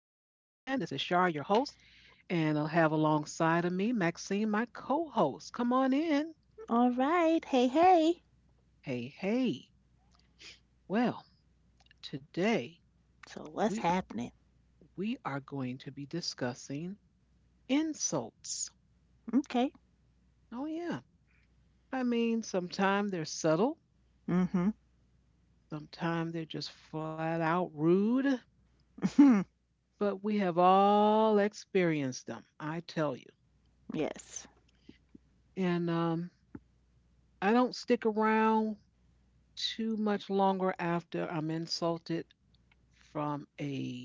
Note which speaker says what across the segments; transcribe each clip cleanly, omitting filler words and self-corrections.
Speaker 1: This is Shar, your host, and I'll have alongside of me Maxine, my co host. Come on in.
Speaker 2: All right. Hey, hey.
Speaker 1: Hey, hey. Well, today
Speaker 2: So what's
Speaker 1: we
Speaker 2: happening?
Speaker 1: we are going to be discussing insults.
Speaker 2: Okay.
Speaker 1: Oh yeah. I mean, sometimes they're subtle,
Speaker 2: Mm-hmm.
Speaker 1: sometimes they're just flat out rude, but we have all experienced them, I tell you.
Speaker 2: Yes.
Speaker 1: And I don't stick around too much longer after I'm insulted from a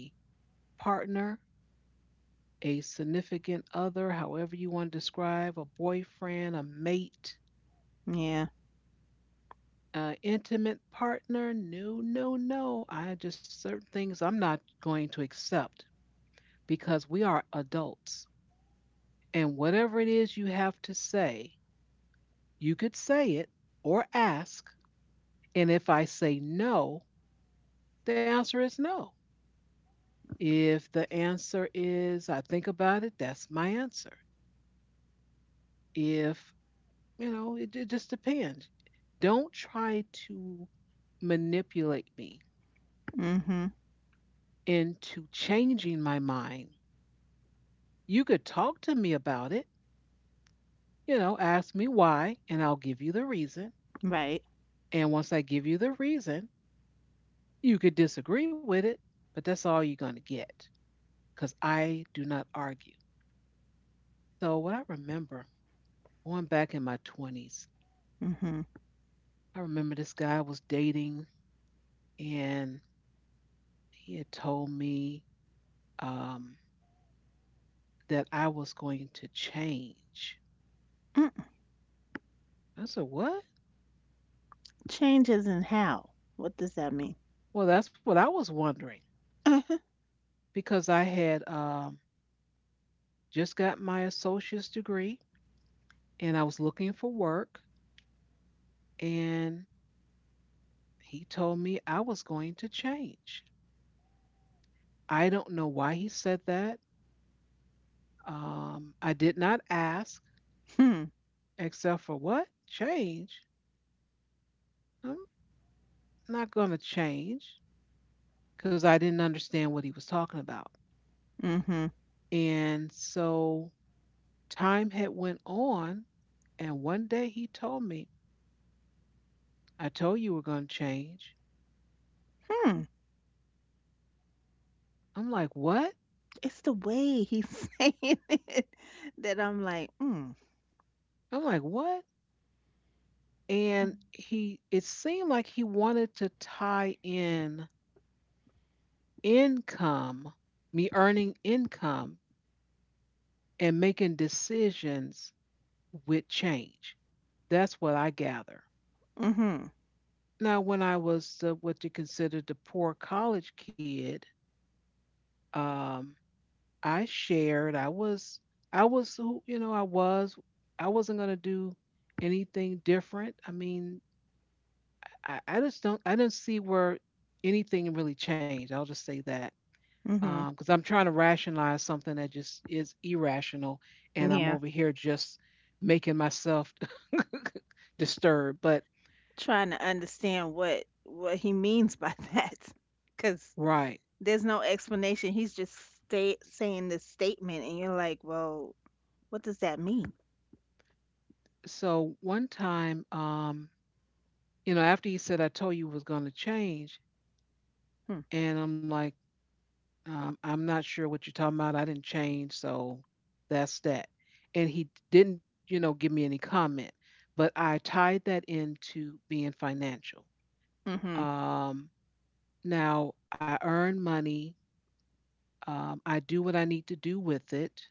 Speaker 1: partner, a significant other, however you want to describe, a boyfriend, a mate,
Speaker 2: Yeah.
Speaker 1: a intimate partner. No, no, no. I just certain things I'm not going to accept because we are adults. And whatever it is you have to say, you could say it or ask. And if I say no, the answer is no. If the answer is I think about it, that's my answer. If, it just depends. Don't try to manipulate me
Speaker 2: Mm-hmm.
Speaker 1: into changing my mind. You could talk to me about it, you know, ask me why, and I'll give you the reason.
Speaker 2: Right.
Speaker 1: And once I give you the reason, you could disagree with it, but that's all you're going to get because I do not argue. So, what I remember going back in my 20s,
Speaker 2: Mm-hmm.
Speaker 1: I remember this guy was dating and he had told me um, that I was going to change.
Speaker 2: Mm.
Speaker 1: I said, "What?"
Speaker 2: Changes in how? What does that mean?
Speaker 1: Well, that's what I was wondering
Speaker 2: Uh-huh.
Speaker 1: because I had just got my associate's degree and I was looking for work, and he told me I was going to change. I don't know why he said that. I did not ask,
Speaker 2: Hmm.
Speaker 1: except for what? Change? I'm not going to change because I didn't understand what he was talking about.
Speaker 2: Mm-hmm.
Speaker 1: And so time had went on, and one day he told me, "I told you we're going to change."
Speaker 2: Hmm.
Speaker 1: I'm like, "What?"
Speaker 2: It's the way he's saying it that I'm like, mm.
Speaker 1: I'm like, "What?" And he it seemed like he wanted to tie in income, me earning income and making decisions with change. That's what I gather.
Speaker 2: Mm-hmm.
Speaker 1: Now, when I was the, what you consider the poor college kid, um, I shared. I was who you know I was. I wasn't gonna do anything different. I mean, I just don't. I didn't see where anything really changed. I'll just say that.
Speaker 2: Mm-hmm.
Speaker 1: Because I'm trying to rationalize something that just is irrational, and I'm
Speaker 2: Yeah.
Speaker 1: over here just making myself disturbed. But
Speaker 2: Trying to understand what he means by that. Cause
Speaker 1: right.
Speaker 2: there's no explanation. He's just sta saying this statement and you're like, well, what does that mean?
Speaker 1: So one time, you know, after he said I told you was gonna change,
Speaker 2: Hmm.
Speaker 1: and I'm like, I'm not sure what you're talking about. I didn't change, so that's that. And he didn't, you know, give me any comment, but I tied that into being financial.
Speaker 2: Mhm.
Speaker 1: Um, Now I earn money. I do what I need to do with it,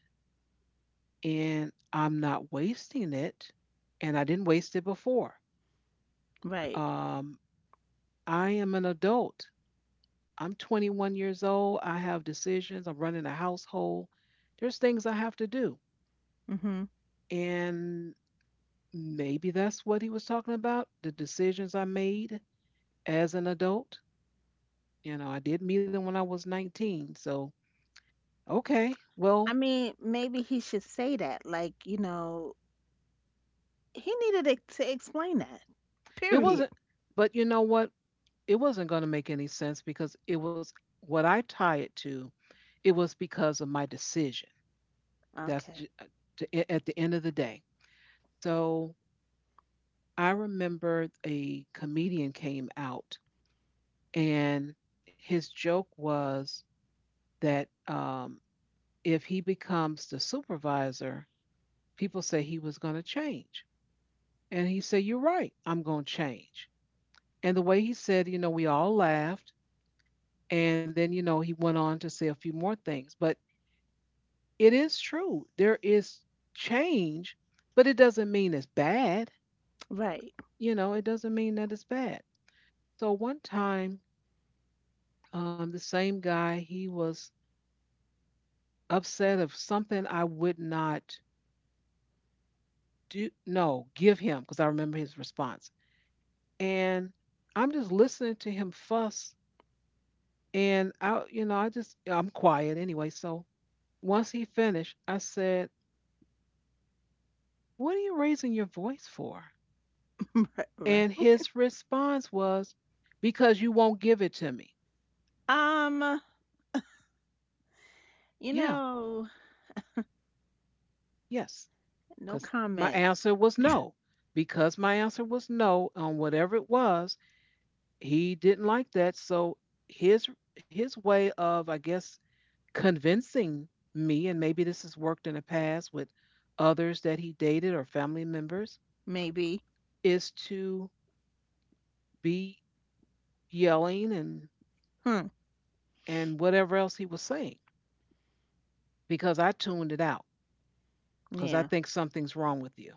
Speaker 1: and I'm not wasting it. And I didn't waste it before.
Speaker 2: Right.
Speaker 1: Um, I am an adult. I'm 21 years old. I have decisions. I'm running a household. There's things I have to do.
Speaker 2: Mhm.
Speaker 1: And maybe that's what he was talking about, the decisions I made as an adult. You know, I did meet him when I was 19. So, okay.
Speaker 2: I
Speaker 1: Well,
Speaker 2: mean, maybe he should say that. Like, you know, he needed to explain that.
Speaker 1: it
Speaker 2: Period.
Speaker 1: wasn't, but you know what? It wasn't going to make any sense because it was what I tie it to. It was because of my decision. That's
Speaker 2: Okay.
Speaker 1: ju- uh, at the end of the day. So, I remember a comedian came out and his joke was that if he becomes the supervisor, people say he was going to change. And he said, "You're right, I'm going to change." And the way he said, you know, we all laughed. And then, you know, he went on to say a few more things. But it is true, there is change, but it doesn't mean it's bad.
Speaker 2: Right.
Speaker 1: You know, it doesn't mean that it's bad. So one time, the same guy, he was upset of something I would not do, no, give him, because I remember his response. And I'm just listening to him fuss. And I, you know, I just, I'm quiet anyway. So once he finished, I said, "What are you raising your voice for?"
Speaker 2: Right.
Speaker 1: And his response was, "Because you won't give it to me."
Speaker 2: Um, you
Speaker 1: Yeah,
Speaker 2: know,
Speaker 1: yes.
Speaker 2: no
Speaker 1: Because my
Speaker 2: comment.
Speaker 1: answer was no. Because my answer was no on whatever it was, he didn't like that. So his his way of, I guess, convincing me, and maybe this has worked in the past with others that he dated or family members,
Speaker 2: Maybe.
Speaker 1: is to be yelling and
Speaker 2: Hmm.
Speaker 1: and whatever else he was saying because I tuned it out because I
Speaker 2: Yeah.
Speaker 1: think something's wrong with you.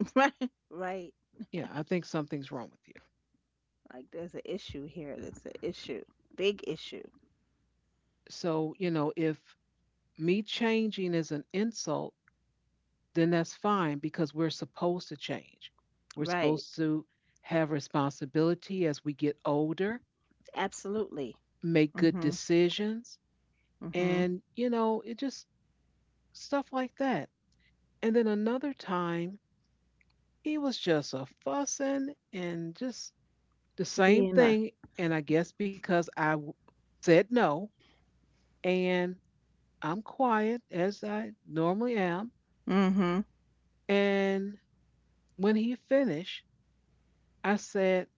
Speaker 2: Right. Right.
Speaker 1: Yeah, I think something's wrong with you.
Speaker 2: Like, there's an issue here. That's an issue. Big issue.
Speaker 1: So, you know, if me changing is an insult, then that's fine because we're supposed to change. We're
Speaker 2: Right.
Speaker 1: supposed to have responsibility as we get older,
Speaker 2: Absolutely.
Speaker 1: make good
Speaker 2: Mhm.
Speaker 1: decisions.
Speaker 2: Mhm.
Speaker 1: And, you know, it just stuff like that. And then another time, he was just a fussing and just the same
Speaker 2: Being a.
Speaker 1: thing. And I guess because I said no and I'm quiet as I normally am.
Speaker 2: Mhm.
Speaker 1: And when he finished, I said,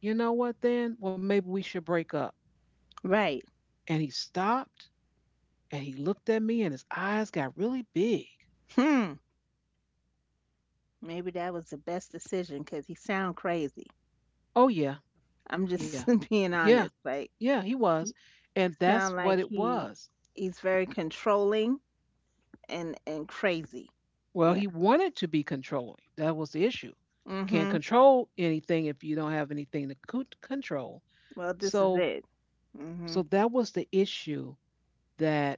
Speaker 1: you know what, then? Well, maybe we should break up.
Speaker 2: Right.
Speaker 1: And he stopped and he looked at me and his eyes got really big.
Speaker 2: Hmm. Maybe that was the best decision because he sound crazy.
Speaker 1: Oh, yeah.
Speaker 2: I'm
Speaker 1: Yeah.
Speaker 2: just being
Speaker 1: Yeah.
Speaker 2: honest. Like,
Speaker 1: Yeah, he was. And that's
Speaker 2: sound like
Speaker 1: what it
Speaker 2: he
Speaker 1: was.
Speaker 2: he's very controlling and crazy.
Speaker 1: Well,
Speaker 2: Yeah.
Speaker 1: he wanted to be controlling. That was the issue. Can't
Speaker 2: Mm-hmm.
Speaker 1: control anything if you don't have anything to control.
Speaker 2: Well, this is
Speaker 1: So,
Speaker 2: it.
Speaker 1: so
Speaker 2: Mm-hmm.
Speaker 1: that was the issue that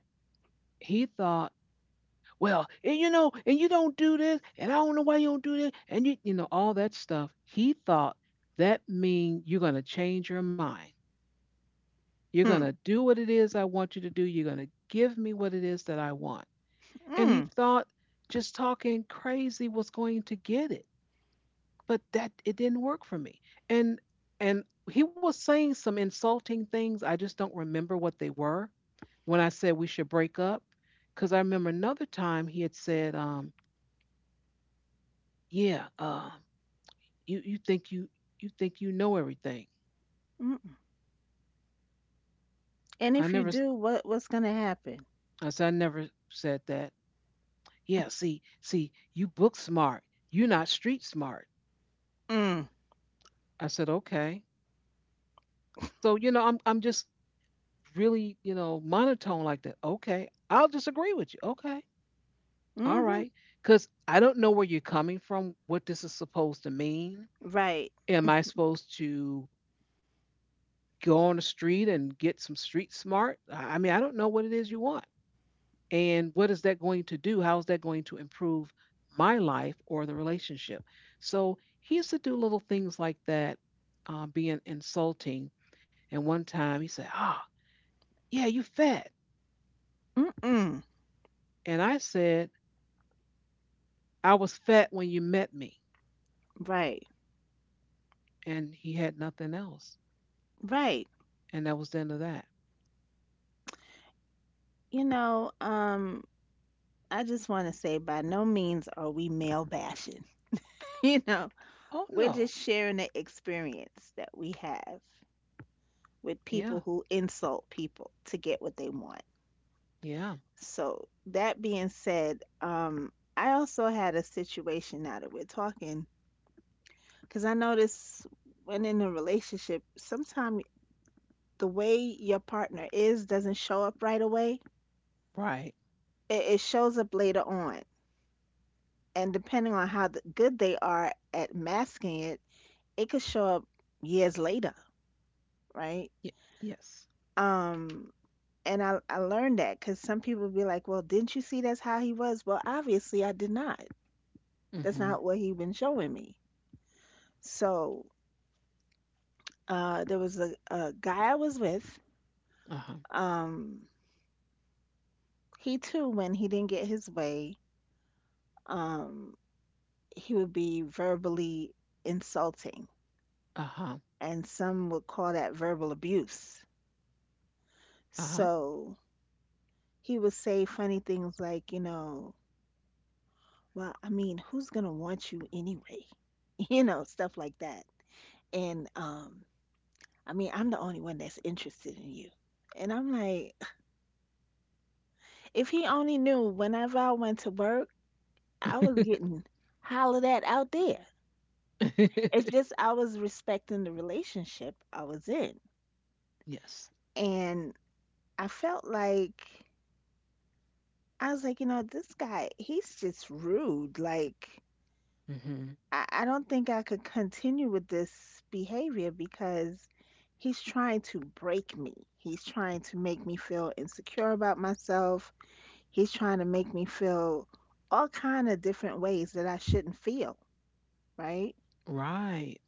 Speaker 1: he thought, well, and you know, and you don't do this, and I don't know why you don't do this, and you know, all that stuff. He thought that mean you're going to change your mind. You're going to
Speaker 2: Hmm.
Speaker 1: do what it is I want you to do. You're going to give me what it is that I want. And he
Speaker 2: Mm.
Speaker 1: thought just talking crazy was going to get it, but that it didn't work for me. And and he was saying some insulting things. I just don't remember what they were when I said we should break up. Because I remember another time he had said, "Yeah, you think you think you know everything."
Speaker 2: Mm. And
Speaker 1: I
Speaker 2: if you
Speaker 1: never, s-
Speaker 2: do, what's gonna happen?
Speaker 1: I said I never said that. Yeah, see, see, you book smart, you're not street smart.
Speaker 2: Mm.
Speaker 1: I said, okay. So you know, I'm just really, you know, monotone like that, okay, I'll disagree with you. Okay, all
Speaker 2: Mm-hmm.
Speaker 1: right. Because I don't know where you're coming from, what this is supposed to mean.
Speaker 2: Right.
Speaker 1: Am I supposed to go on the street and get some street smart? I mean, I don't know what it is you want. And what is that going to do? How is that going to improve my life or the relationship? So he used to do little things like that, being insulting. And one time he said, "Ah, yeah, you fat."
Speaker 2: Mm-mm.
Speaker 1: And I said, I was fat when you met me,
Speaker 2: Right.
Speaker 1: and he had nothing else,
Speaker 2: Right.
Speaker 1: and that was the end of that.
Speaker 2: You know, um, I just want to say, by no means are we male bashing. you know,
Speaker 1: Oh
Speaker 2: We're
Speaker 1: no,
Speaker 2: just sharing the experience that we have with
Speaker 1: yeah,
Speaker 2: people who insult people to get what they want.
Speaker 1: yeah,
Speaker 2: So, that being said, I also had a situation now that we're talking because I notice, when in a relationship, sometimes the way your partner is doesn't show up right away,
Speaker 1: right,
Speaker 2: it shows up later on. And depending on how good they are at masking it, it could show up years later, right?
Speaker 1: y- yes,
Speaker 2: Um, And I learned that because some people be like, "Well, didn't you see that's how he was?" Well, obviously I did not. That's
Speaker 1: mm-hmm,
Speaker 2: not what he been showing me. So there was a guy I was with.
Speaker 1: uh huh,
Speaker 2: Um, he too, when he didn't get his way, um, he would be verbally insulting,
Speaker 1: uh huh,
Speaker 2: and some would call that verbal abuse.
Speaker 1: uh
Speaker 2: So he would say funny things like, well, I mean, who's gonna want you anyway? Stuff like that. And I mean I'm the only one that's interested in you. And I'm like, if he only knew whenever I went to work, I was getting hollered at out there.
Speaker 1: huh,
Speaker 2: It's just I was respecting the relationship I was in.
Speaker 1: yes,
Speaker 2: And I felt like, I was like, this guy, he's just rude. Like
Speaker 1: mm-hmm,
Speaker 2: I don't think I could continue with this behavior because he's trying to break me. He's trying to make me feel insecure about myself. He's trying to make me feel all kind of different ways that I shouldn't feel, right?
Speaker 1: right,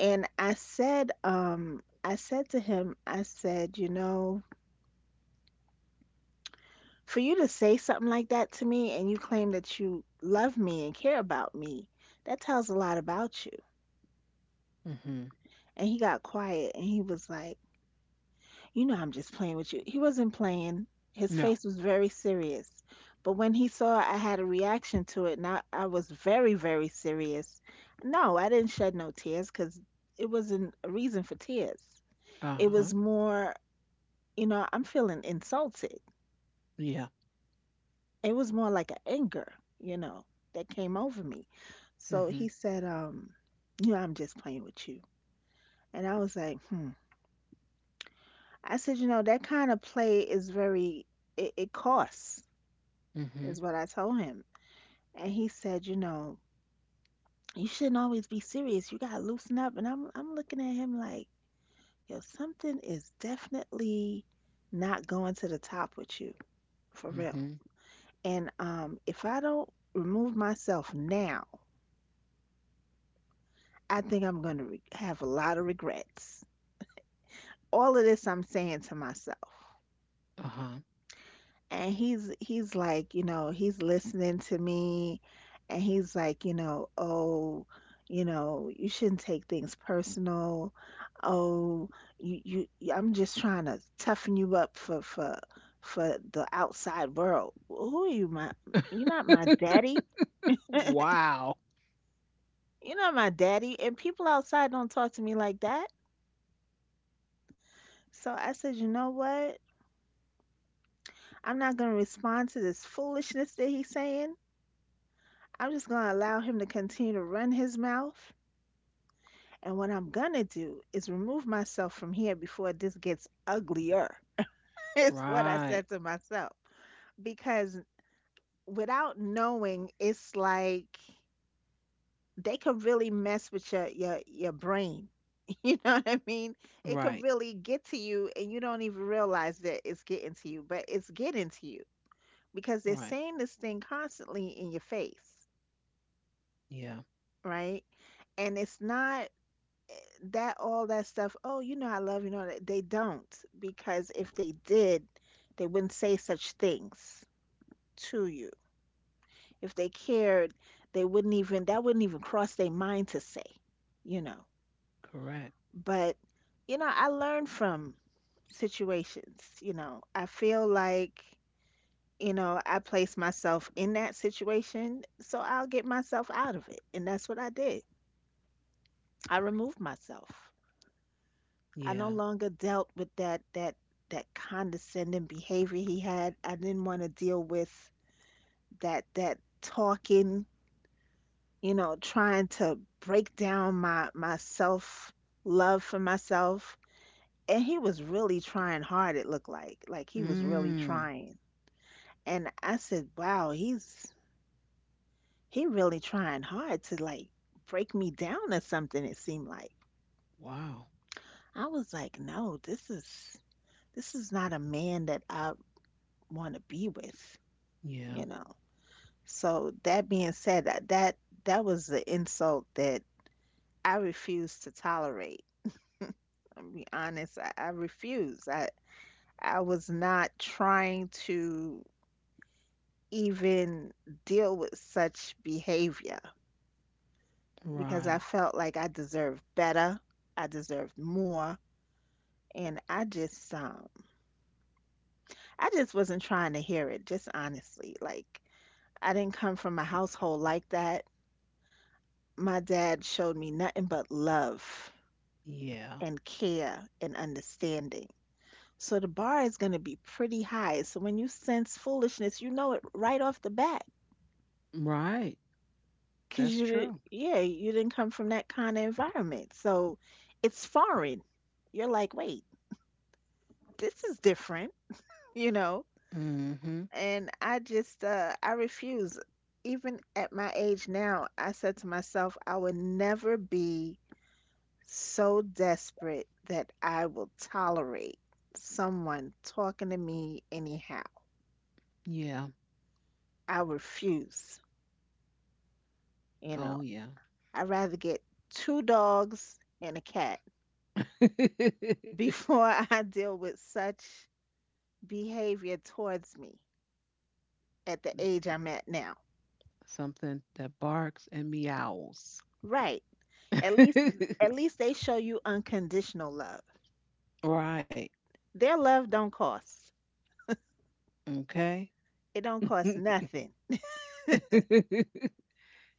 Speaker 2: And I said to him, I said, you know, for you to say something like that to me and you claim that you love me and care about me, that tells a lot about you.
Speaker 1: mm-hmm,
Speaker 2: And he got quiet and he was like, "You know I'm just playing with you." He wasn't playing. His
Speaker 1: no,
Speaker 2: face was very serious. But when he saw I had a reaction to it, and I was very, very serious, no, I didn't shed no tears because it wasn't a reason for tears.
Speaker 1: uh
Speaker 2: It
Speaker 1: huh,
Speaker 2: was more, I'm feeling insulted.
Speaker 1: yeah,
Speaker 2: It was more like an anger, you know, that came over me. So
Speaker 1: mm-hmm,
Speaker 2: he said, I'm just playing with you. And I was like, hmm. I said, that kind of play is very, it costs,
Speaker 1: mm-hmm,
Speaker 2: is what I told him. And he said, you shouldn't always be serious. You gotta loosen up. And I'm looking at him like, yo, something is definitely not going to the top with you, for real.
Speaker 1: mm-hmm,
Speaker 2: And if I don't remove myself now, I think I'm gonna have a lot of regrets. All of this I'm saying to myself.
Speaker 1: uh
Speaker 2: And he's like, he's listening to me. And he's like, oh, you shouldn't take things personal. Oh, I'm just trying to toughen you up for the outside world. Who are you? my
Speaker 1: huh,
Speaker 2: you're not my daddy.
Speaker 1: wow,
Speaker 2: You're not my daddy. And people outside don't talk to me like that. So I said, you know what, I'm not going to respond to this foolishness that he's saying. I'm just going to allow him to continue to run his mouth. And what I'm gonna do is remove myself from here before this gets uglier. It's what I
Speaker 1: right,
Speaker 2: said to myself. Because without knowing, it's like they could really mess with your brain. You know what I mean? It could
Speaker 1: right,
Speaker 2: really get to you and you don't even realize that it's getting to you, but it's getting to you because they're
Speaker 1: right,
Speaker 2: saying this thing constantly in your face,
Speaker 1: yeah,
Speaker 2: right? And it's not that, all that stuff, oh, you know I love you, you know they don't, because if they did, they wouldn't say such things to you. If they cared, they wouldn't even, that wouldn't even cross their mind to say, you know.
Speaker 1: correct,
Speaker 2: But I learn from situations. I feel like, I place myself in that situation, so I'll get myself out of it. And that's what I did. I removed myself. I no
Speaker 1: yeah,
Speaker 2: longer dealt with that condescending behavior he had. I didn't want to deal with that talking, trying to break down my self love for myself. And he was really trying hard, it looked like. Like he was really
Speaker 1: mm,
Speaker 2: trying. And I said, wow, he really trying hard to like break me down or something, it seemed like.
Speaker 1: wow,
Speaker 2: I was like, no, this is not a man that I want to be with,
Speaker 1: yeah.
Speaker 2: you know. So that being said, that was the insult that I refused to tolerate. I'll be honest, I refuse. I was not trying to even deal with such behavior because I
Speaker 1: Right.
Speaker 2: felt like I deserved better. I deserved more. And I just wasn't trying to hear it, just honestly. Like, I didn't come from a household like that. My dad showed me nothing but love
Speaker 1: Yeah.
Speaker 2: and care and understanding. So the bar is going to be pretty high. So when you sense foolishness, you know it right off the bat
Speaker 1: Right.
Speaker 2: because
Speaker 1: That's true.
Speaker 2: yeah, you didn't come from that kind of environment. So it's foreign. You're like, wait, this is different, you know?
Speaker 1: Mm-hmm.
Speaker 2: And I just, I refuse. Even at my age now, I said to myself, I would never be so desperate that I will tolerate someone talking to me anyhow.
Speaker 1: Yeah.
Speaker 2: I refuse. You know,
Speaker 1: Oh yeah.
Speaker 2: I'd rather get two dogs and a cat before I deal with such behavior towards me at the age I'm at now.
Speaker 1: Something that barks and meows.
Speaker 2: Right. At least at least they show you unconditional love.
Speaker 1: Right.
Speaker 2: Their love don't cost.
Speaker 1: Okay.
Speaker 2: It don't cost nothing,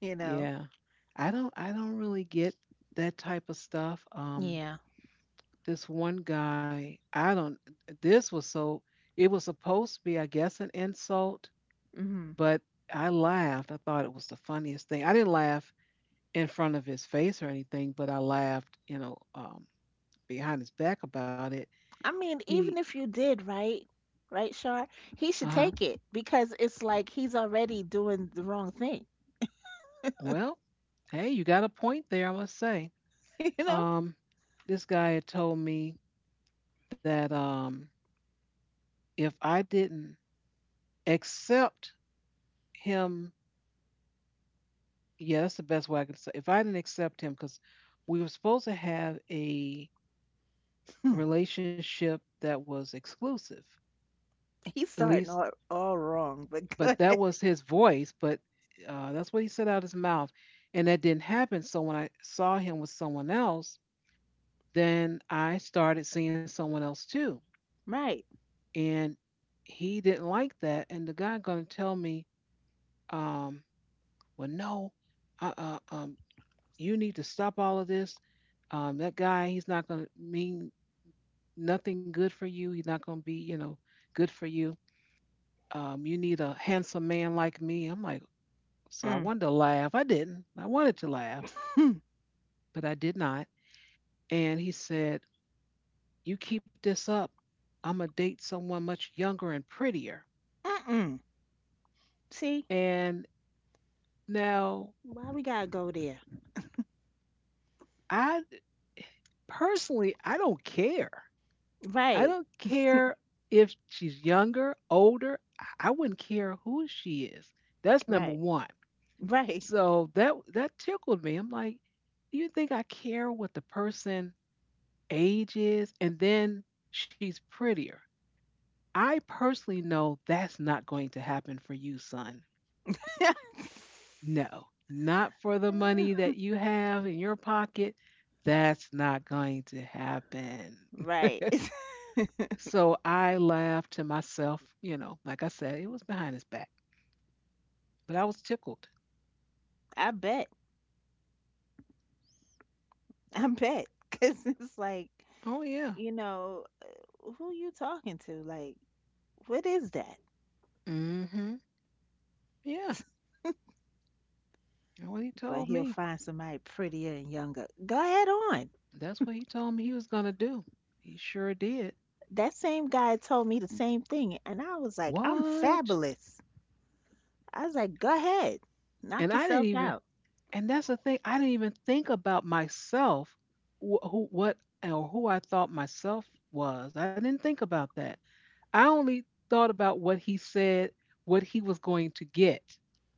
Speaker 2: you know.
Speaker 1: yeah. I don't really get that type of stuff.
Speaker 2: Yeah.
Speaker 1: This one guy, I don't this was so it was supposed to be I guess an insult,
Speaker 2: Hmm.
Speaker 1: but I laughed. I thought it was the funniest thing. I didn't laugh in front of his face or anything, but I laughed, you know, behind his back about it.
Speaker 2: I mean,
Speaker 1: He,
Speaker 2: even if you did, right? Right, Shar? He
Speaker 1: uh
Speaker 2: should
Speaker 1: huh.
Speaker 2: take it because it's like he's already doing the wrong thing,
Speaker 1: Well, hey, you got a point there, I must say.
Speaker 2: you know?
Speaker 1: Um, this guy had told me that if I didn't accept him, yeah, that's the best way I could say. If I didn't accept him, because we were supposed to have a relationship that was exclusive,
Speaker 2: He's
Speaker 1: at
Speaker 2: starting
Speaker 1: least
Speaker 2: all wrong, but go
Speaker 1: but that
Speaker 2: ahead.
Speaker 1: was his voice, but that's what he said out his mouth. And that didn't happen. So when I saw him with someone else, then I started seeing someone else too.
Speaker 2: Right.
Speaker 1: And he didn't like that. And the guy going to tell me, um, well, no, uh, uh, um, you need to stop all of this. That guy, he's not going to mean nothing good for you. He's not going to be, you know, good for you. You need a handsome man like me. I'm like, so I
Speaker 2: Mm.
Speaker 1: wanted to laugh. I didn't. I wanted to laugh, but I did not. And he said, "You keep this up, I'm going to date someone much younger and prettier."
Speaker 2: Mm-mm. See?
Speaker 1: And now,
Speaker 2: Why we gotta go there?
Speaker 1: I personally, I don't care. I don't
Speaker 2: Right.
Speaker 1: care if she's younger, older. I wouldn't care who she is. That's number
Speaker 2: Right.
Speaker 1: one.
Speaker 2: Right.
Speaker 1: So that that tickled me. I'm like, do you think I care what the person age is? And then she's prettier. I personally know that's not going to happen for you, son. No, not for the money that you have in your pocket. That's not going to happen.
Speaker 2: Right.
Speaker 1: So I laughed to myself, you know, like I said, it was behind his back, but I was tickled.
Speaker 2: I bet. I bet. Because it's like,
Speaker 1: Oh, yeah.
Speaker 2: you know, who you talking to? Like, what is that?
Speaker 1: Mm hmm. Yeah. That's what he
Speaker 2: But
Speaker 1: told
Speaker 2: he'll
Speaker 1: me.
Speaker 2: find somebody prettier and younger. Go ahead on.
Speaker 1: That's what he told me he was going to do. He sure did.
Speaker 2: That same guy told me the same thing. And I was like, I'm
Speaker 1: What?
Speaker 2: fabulous. I was like, go ahead,
Speaker 1: And
Speaker 2: knock
Speaker 1: I didn't
Speaker 2: yourself
Speaker 1: even,
Speaker 2: out.
Speaker 1: And that's the thing. I didn't even think about myself, who, what, or who I thought myself was. I didn't think about that. I only thought about what he said, what he was going to get,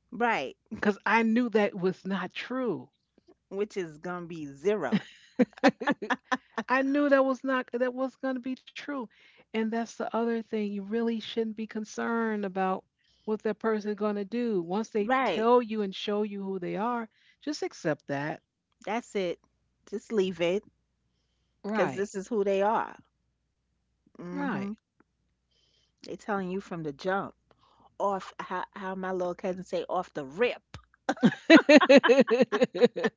Speaker 2: Right.
Speaker 1: because I knew that was not true.
Speaker 2: Which is going to be zero.
Speaker 1: I knew that was not that was going to be true. And that's the other thing. You really shouldn't be concerned about what that person going to do. Once they
Speaker 2: Right.
Speaker 1: tell you and show you who they are, just accept that.
Speaker 2: That's it. Just leave it because
Speaker 1: Right.
Speaker 2: this is who they are.
Speaker 1: Right.
Speaker 2: Hmm. They telling you from the jump. Off, how my little cousin say, off the rip.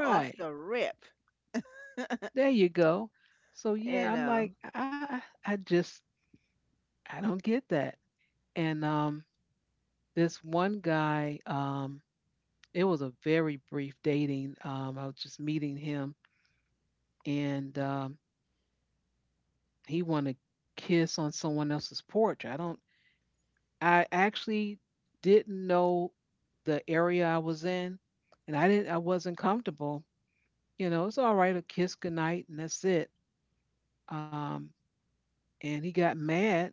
Speaker 2: Off the rip,
Speaker 1: There you go. So yeah,
Speaker 2: you
Speaker 1: I'm
Speaker 2: know.
Speaker 1: like, I just I don't get that. And This one guy, it was a very brief dating. I was just meeting him and he wanted to kiss on someone else's porch. I actually didn't know the area I was in and I wasn't comfortable. You know, it's all right, a kiss goodnight and that's it. Um And he got mad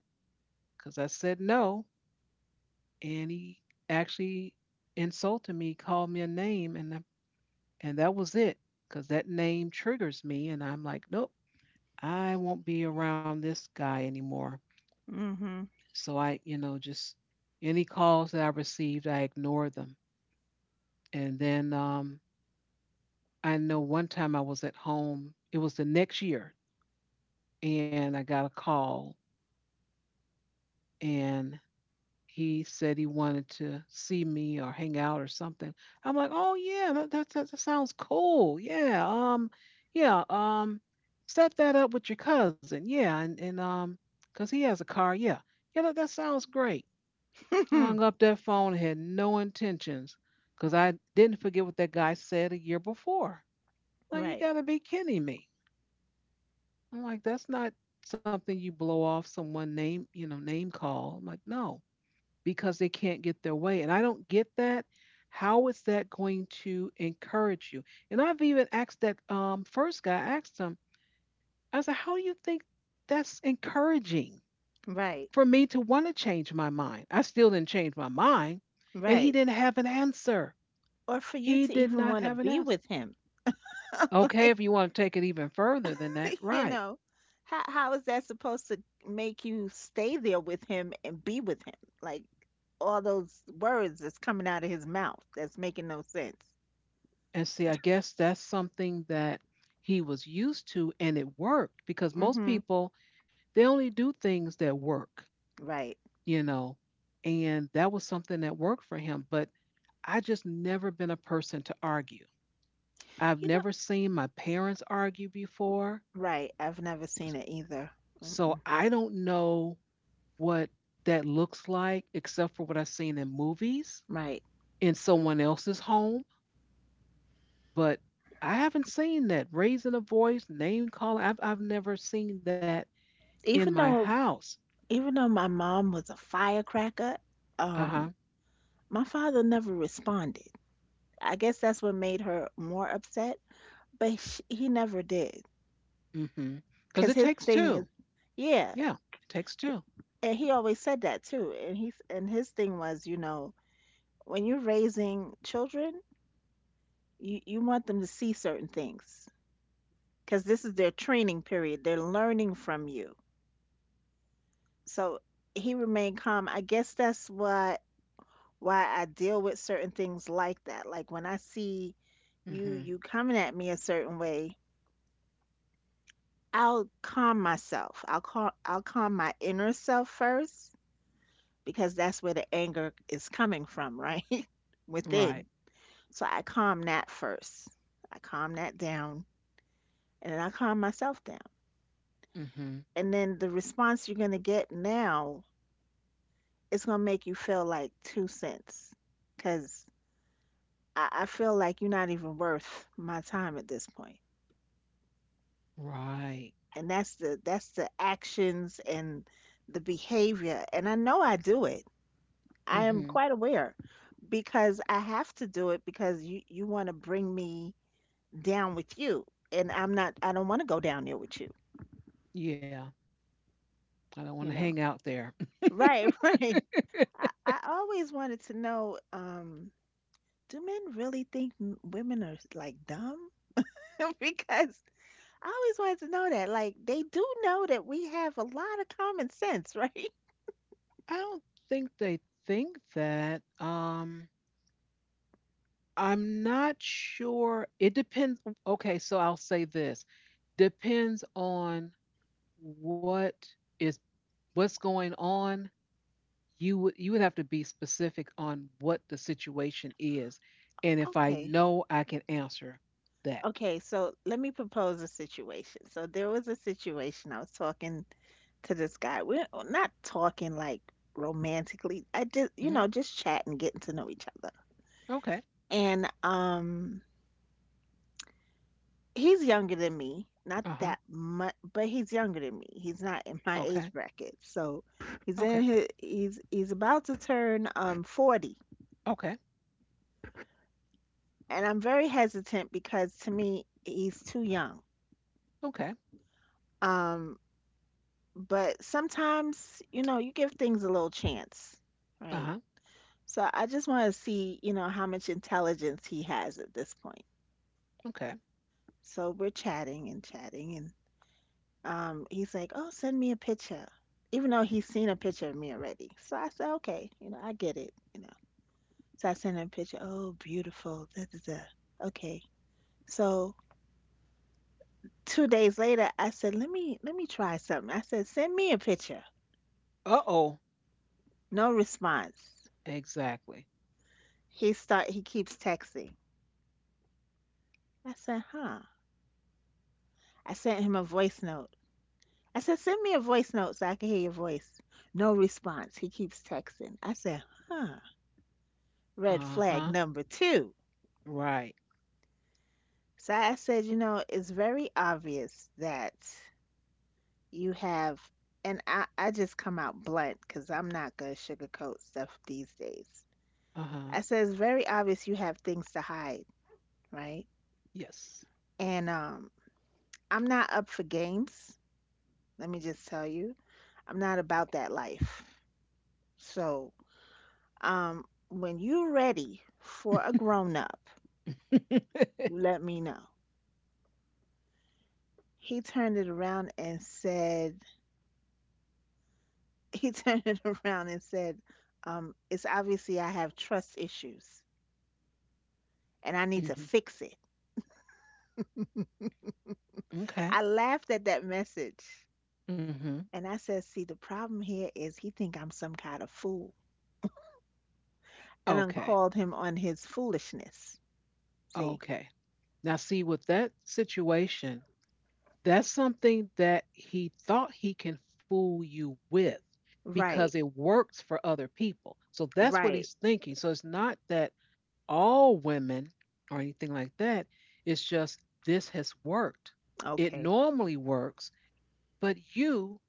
Speaker 1: because I said no. And he actually insulted me, called me a name, and that was it because that name triggers me. And I'm like, nope, I won't be around this guy anymore.
Speaker 2: Hmm.
Speaker 1: So I just any calls that I received, I ignored them. And then, I know one time I was at home, it was the next year, and I got a call and he said he wanted to see me or hang out or something. I'm like, oh yeah, that sounds cool. Yeah, yeah, set that up with your cousin. Yeah, and cause he has a car. Yeah, that sounds great. I hung up that phone. And had no intentions, cause I didn't forget what that guy said a year before. Like, you
Speaker 2: Right.
Speaker 1: gotta be kidding me. I'm like, that's not something you blow off someone name, you know, name call. I'm like, no, because they can't get their way. And I don't get that. How is that going to encourage you? And I've even asked that first guy, I asked him, I said, how do you think that's encouraging
Speaker 2: Right.
Speaker 1: for me to want to change my mind? I still didn't change my mind. And he
Speaker 2: Right.
Speaker 1: didn't have an answer.
Speaker 2: Or for you
Speaker 1: He
Speaker 2: to
Speaker 1: did
Speaker 2: even
Speaker 1: not
Speaker 2: want to
Speaker 1: have an
Speaker 2: be
Speaker 1: answer.
Speaker 2: with him.
Speaker 1: Okay,
Speaker 2: Like.
Speaker 1: if you want to take it even further than that,
Speaker 2: you
Speaker 1: right.
Speaker 2: know, how is that supposed to make you stay there with him and be with him? Like, all those words that's coming out of his mouth, that's making no sense.
Speaker 1: And see, I guess that's something that he was used to and it worked because most
Speaker 2: Mhm.
Speaker 1: people, they only do things that work.
Speaker 2: Right.
Speaker 1: You know, and that was something that worked for him. But I just never been a person to argue. I've
Speaker 2: You know,
Speaker 1: never seen my parents argue before.
Speaker 2: right. I've never seen it either.
Speaker 1: So
Speaker 2: Mm-mm.
Speaker 1: I don't know what that looks like except for what I've seen in movies
Speaker 2: Right.
Speaker 1: in someone else's home. But I haven't seen that raising a voice, name calling. I've never seen that in my
Speaker 2: Even though
Speaker 1: house.
Speaker 2: even though my mom was a firecracker,
Speaker 1: Uh huh.
Speaker 2: um my father never responded. I guess that's what made her more upset, but sh he never did.
Speaker 1: Mm hmm. Because
Speaker 2: 'Cause
Speaker 1: it
Speaker 2: his
Speaker 1: takes
Speaker 2: thing is,
Speaker 1: two.
Speaker 2: yeah,
Speaker 1: Yeah, it takes two.
Speaker 2: and he always said that too. And he's and his thing was, when you're raising children, you want them to see certain things because this is their training period. They're learning from you. So he remained calm. I guess that's what why I deal with certain things like that. Like when I see
Speaker 1: Mm
Speaker 2: you
Speaker 1: hmm.
Speaker 2: you coming at me a certain way, I'll calm myself. I'll calm my inner self first, because that's where the anger is coming from, right?
Speaker 1: Right.
Speaker 2: Within. So I calm that first. I calm that down and then I calm myself down.
Speaker 1: Mm hmm.
Speaker 2: And then the response you're going to get now is going to make you feel like 2 cents, because I feel like you're not even worth my time at this point.
Speaker 1: Right.
Speaker 2: And that's the actions and the behavior. And I know I do it. I am
Speaker 1: Hmm.
Speaker 2: quite aware, because I have to do it, because you want to bring me down with you. And I don't want to go down there with you,
Speaker 1: Yeah. I don't want to
Speaker 2: you
Speaker 1: hang
Speaker 2: know.
Speaker 1: out there.
Speaker 2: Right, right.
Speaker 1: I
Speaker 2: I always wanted to know, do men really think women are like dumb? Because I always wanted to know that. Like, they do know that we have a lot of common sense, right?
Speaker 1: don't think they think that. I'm not sure. It depends. Okay, so I'll say this depends on what is what's going on. You would have to be specific on what the situation is, and if I
Speaker 2: Okay.
Speaker 1: know, I can answer that.
Speaker 2: Okay, so let me propose a situation. So there was a situation. I was talking to this guy. We're not talking like romantically. I just, you
Speaker 1: Hmm.
Speaker 2: know, just chatting, getting to know each other.
Speaker 1: Okay.
Speaker 2: And he's younger than me, not
Speaker 1: Uh
Speaker 2: that
Speaker 1: huh.
Speaker 2: much, but he's younger than me. He's not in my
Speaker 1: Okay.
Speaker 2: age bracket. So he's
Speaker 1: Okay.
Speaker 2: in his, he's about to turn 40,
Speaker 1: Okay.
Speaker 2: and I'm very hesitant because to me he's too young.
Speaker 1: Okay.
Speaker 2: Um, but sometimes, you know, you give things a little chance,
Speaker 1: Uh
Speaker 2: right?
Speaker 1: huh.
Speaker 2: So I just want to see, you know, how much intelligence he has at this point.
Speaker 1: Okay.
Speaker 2: So we're chatting and chatting, and he's like, "Oh, send me a picture," even though he's seen a picture of me already. So I said, "Okay, you know, I get it." You know, so I sent him a picture. Oh, beautiful. Da, da, da. Okay. So two days later, I said, "Let me try something." I said, "Send me a picture."
Speaker 1: Uh oh.
Speaker 2: No response.
Speaker 1: Exactly.
Speaker 2: He start. He keeps texting. I said, "Huh." I sent him a voice note. I said, "Send me a voice note so I can hear your voice." No response. He keeps texting. I said, "Huh." Red
Speaker 1: Uh
Speaker 2: flag
Speaker 1: huh.
Speaker 2: number 2.
Speaker 1: Right.
Speaker 2: So I said, you know, it's very obvious that you have, and I just come out blunt because I'm not going to sugarcoat stuff these days.
Speaker 1: Uh
Speaker 2: I
Speaker 1: huh.
Speaker 2: said, it's very obvious you have things to hide, right?
Speaker 1: Yes.
Speaker 2: And I'm not up for games. Let me just tell you, I'm not about that life. So when you're ready for a grown up, you let me know. He turned it around and said, he turned it around and said, it's obviously I have trust issues and I need to
Speaker 1: Hmm.
Speaker 2: fix it.
Speaker 1: Okay.
Speaker 2: I laughed at that message
Speaker 1: Hmm.
Speaker 2: and I said, see, the problem here is he think I'm some kind of fool. I done
Speaker 1: Okay.
Speaker 2: called him on his foolishness. See,
Speaker 1: Okay. Now, see, with that situation, that's something that he thought he can fool you with because it
Speaker 2: right,
Speaker 1: works for other people. So that's what
Speaker 2: right,
Speaker 1: he's thinking. So it's not that all women or anything like that. It's just this has worked. It
Speaker 2: okay,
Speaker 1: normally works, but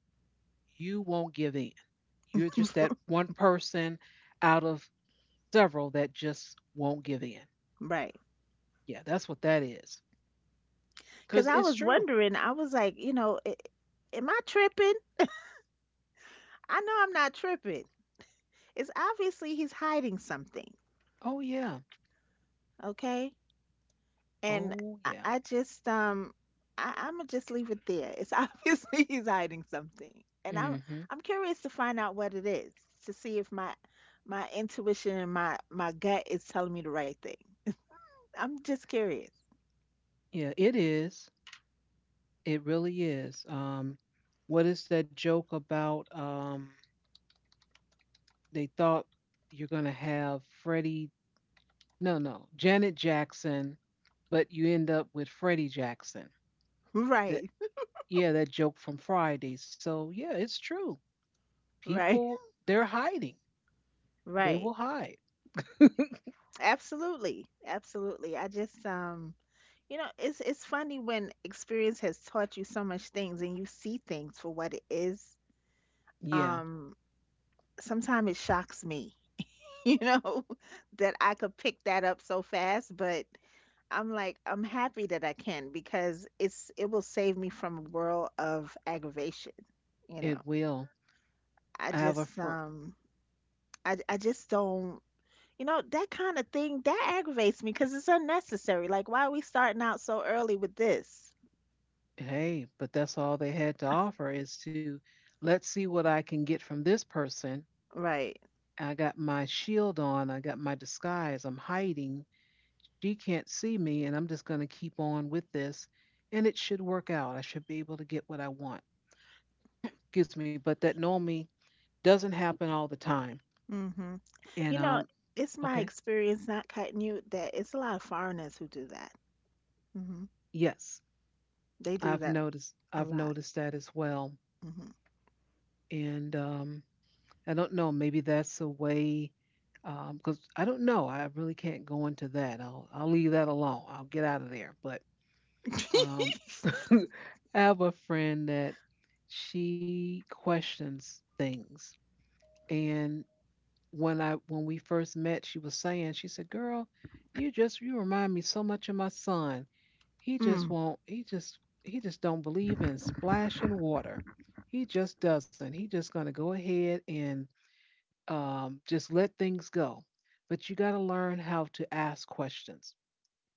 Speaker 1: you won't give in. You're just that one person out of several that just won't give in.
Speaker 2: right.
Speaker 1: Yeah, that's what that is.
Speaker 2: Because
Speaker 1: Because
Speaker 2: I
Speaker 1: it's
Speaker 2: was
Speaker 1: true.
Speaker 2: wondering, I was like, you know, "A- am I tripping? I know I'm not tripping. It's obviously he's hiding something,
Speaker 1: Oh, yeah.
Speaker 2: okay?" And
Speaker 1: Oh,
Speaker 2: I,
Speaker 1: yeah.
Speaker 2: I just I'm gonna just leave it there. It's obviously he's hiding something, and
Speaker 1: Hmm.
Speaker 2: I'm curious to find out what it is, to see if my intuition and my gut is telling me the right thing. I'm just curious.
Speaker 1: Yeah, it is. It really is. What is that joke about? They thought you're going to have Freddie, no, Janet Jackson, but you end up with Freddie Jackson. That,
Speaker 2: Right,
Speaker 1: yeah, that joke from Friday. So, yeah, it's true.
Speaker 2: right,
Speaker 1: People they're hiding. They
Speaker 2: right.
Speaker 1: will hide.
Speaker 2: Absolutely, absolutely. I just you know it's funny when experience has taught you so much things and you see things for what it is.
Speaker 1: Yeah,
Speaker 2: Um, sometimes it shocks me, you know, that I could pick that up so fast. But I'm like, I'm happy that I can because it will save me from a world of aggravation. You
Speaker 1: it
Speaker 2: know,
Speaker 1: will. I
Speaker 2: I
Speaker 1: have a
Speaker 2: just
Speaker 1: friend.
Speaker 2: I just don't. You know, that kind of thing that aggravates me because it's unnecessary. Like, why are we starting out so early with this?
Speaker 1: Hey, but that's all they had to offer is to let's see what I can get from this person.
Speaker 2: Right.
Speaker 1: I got my shield on, I got my disguise, I'm hiding. She can't see me, and I'm just going to keep on with this, and it should work out. I should be able to get what I want. Excuse me, but that normally doesn't happen all the time.
Speaker 2: Mm-hmm. You
Speaker 1: And
Speaker 2: know, it's my
Speaker 1: Okay,
Speaker 2: experience, not cutting you, that it's a lot of foreigners who do that. Hmm.
Speaker 1: yes,
Speaker 2: They do
Speaker 1: I've
Speaker 2: that
Speaker 1: noticed.
Speaker 2: a
Speaker 1: I've
Speaker 2: lot.
Speaker 1: noticed that as well. And I don't know, maybe that's a way, because I don't know. I really can't go into that. I'll leave that alone. I'll get out of there. But
Speaker 2: Hmm.
Speaker 1: um, I have a friend that she questions things. And when we first met, she was saying, she said, "Girl, you just you remind me so much of my son. He just
Speaker 2: Mm.
Speaker 1: won't. He just don't believe in splashing water. He just doesn't. He just gonna go ahead and just let things go. But you got to learn how to ask questions.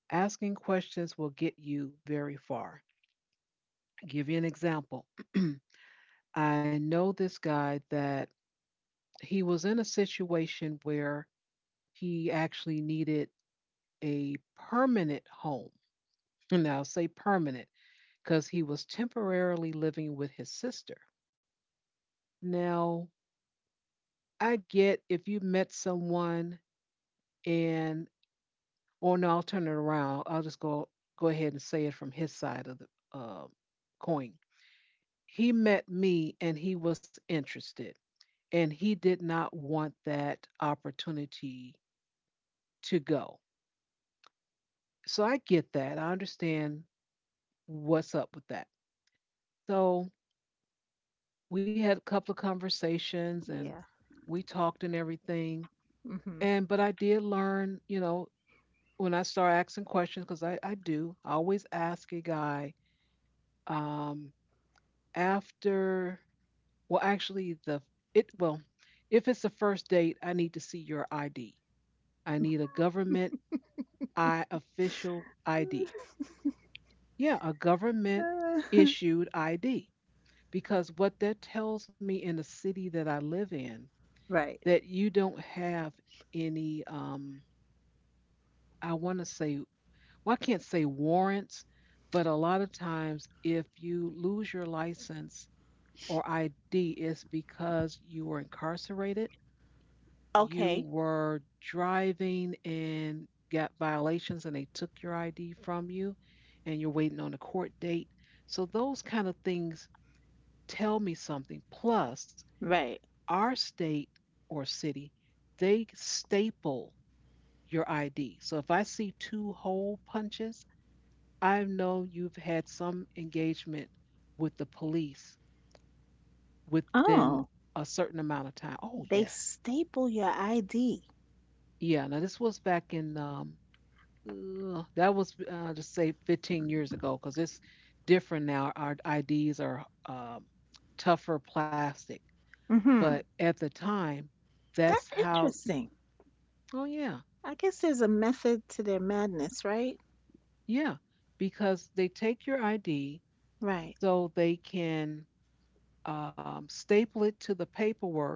Speaker 1: Asking questions will get you very far. I'll give you an example. I know this guy that he was in a situation where he actually needed a permanent home. And I'll say permanent because he was temporarily living with his sister. Now, I get if you met someone and Or no, I'll turn it around. I'll just go go ahead and say it from his side of the uh, coin. He met me and he was interested, and he did not want that opportunity to go. So I get that. I understand what's up with that. So we had a couple of conversations and
Speaker 2: Yeah.
Speaker 1: we talked and everything.
Speaker 2: Mhm.
Speaker 1: And but I did learn, you know, when I start asking questions, because I do, I always ask a guy, um, after well actually the it well if it's the first date, I need to see your ID. I need a government I official ID. Yeah, a government issued ID. Because what that tells me in the city that I live in,
Speaker 2: Right.
Speaker 1: that you don't have any I want to say well I can't say warrants. But a lot of times if you lose your license or ID, it's because you were incarcerated, you
Speaker 2: Okay.
Speaker 1: were driving and got violations and they took your ID from you and you're waiting on a court date. So those kind of things tell me something. Plus,
Speaker 2: Right.
Speaker 1: our state or city, they staple your ID. So if I see two hole punches, I know you've had some engagement with the police within
Speaker 2: Oh,
Speaker 1: a certain amount of time. Oh,
Speaker 2: they
Speaker 1: yes.
Speaker 2: staple your ID.
Speaker 1: Yeah, now this was back in that was just say 15 years ago because it's different now. Our IDs are tougher plastic, but
Speaker 2: Mhm.
Speaker 1: at the time, that's
Speaker 2: That's
Speaker 1: how.
Speaker 2: interesting.
Speaker 1: Oh yeah,
Speaker 2: I guess there's a method to their madness, right?
Speaker 1: yeah, because they take your ID
Speaker 2: Right.
Speaker 1: so they can staple it to the paperwork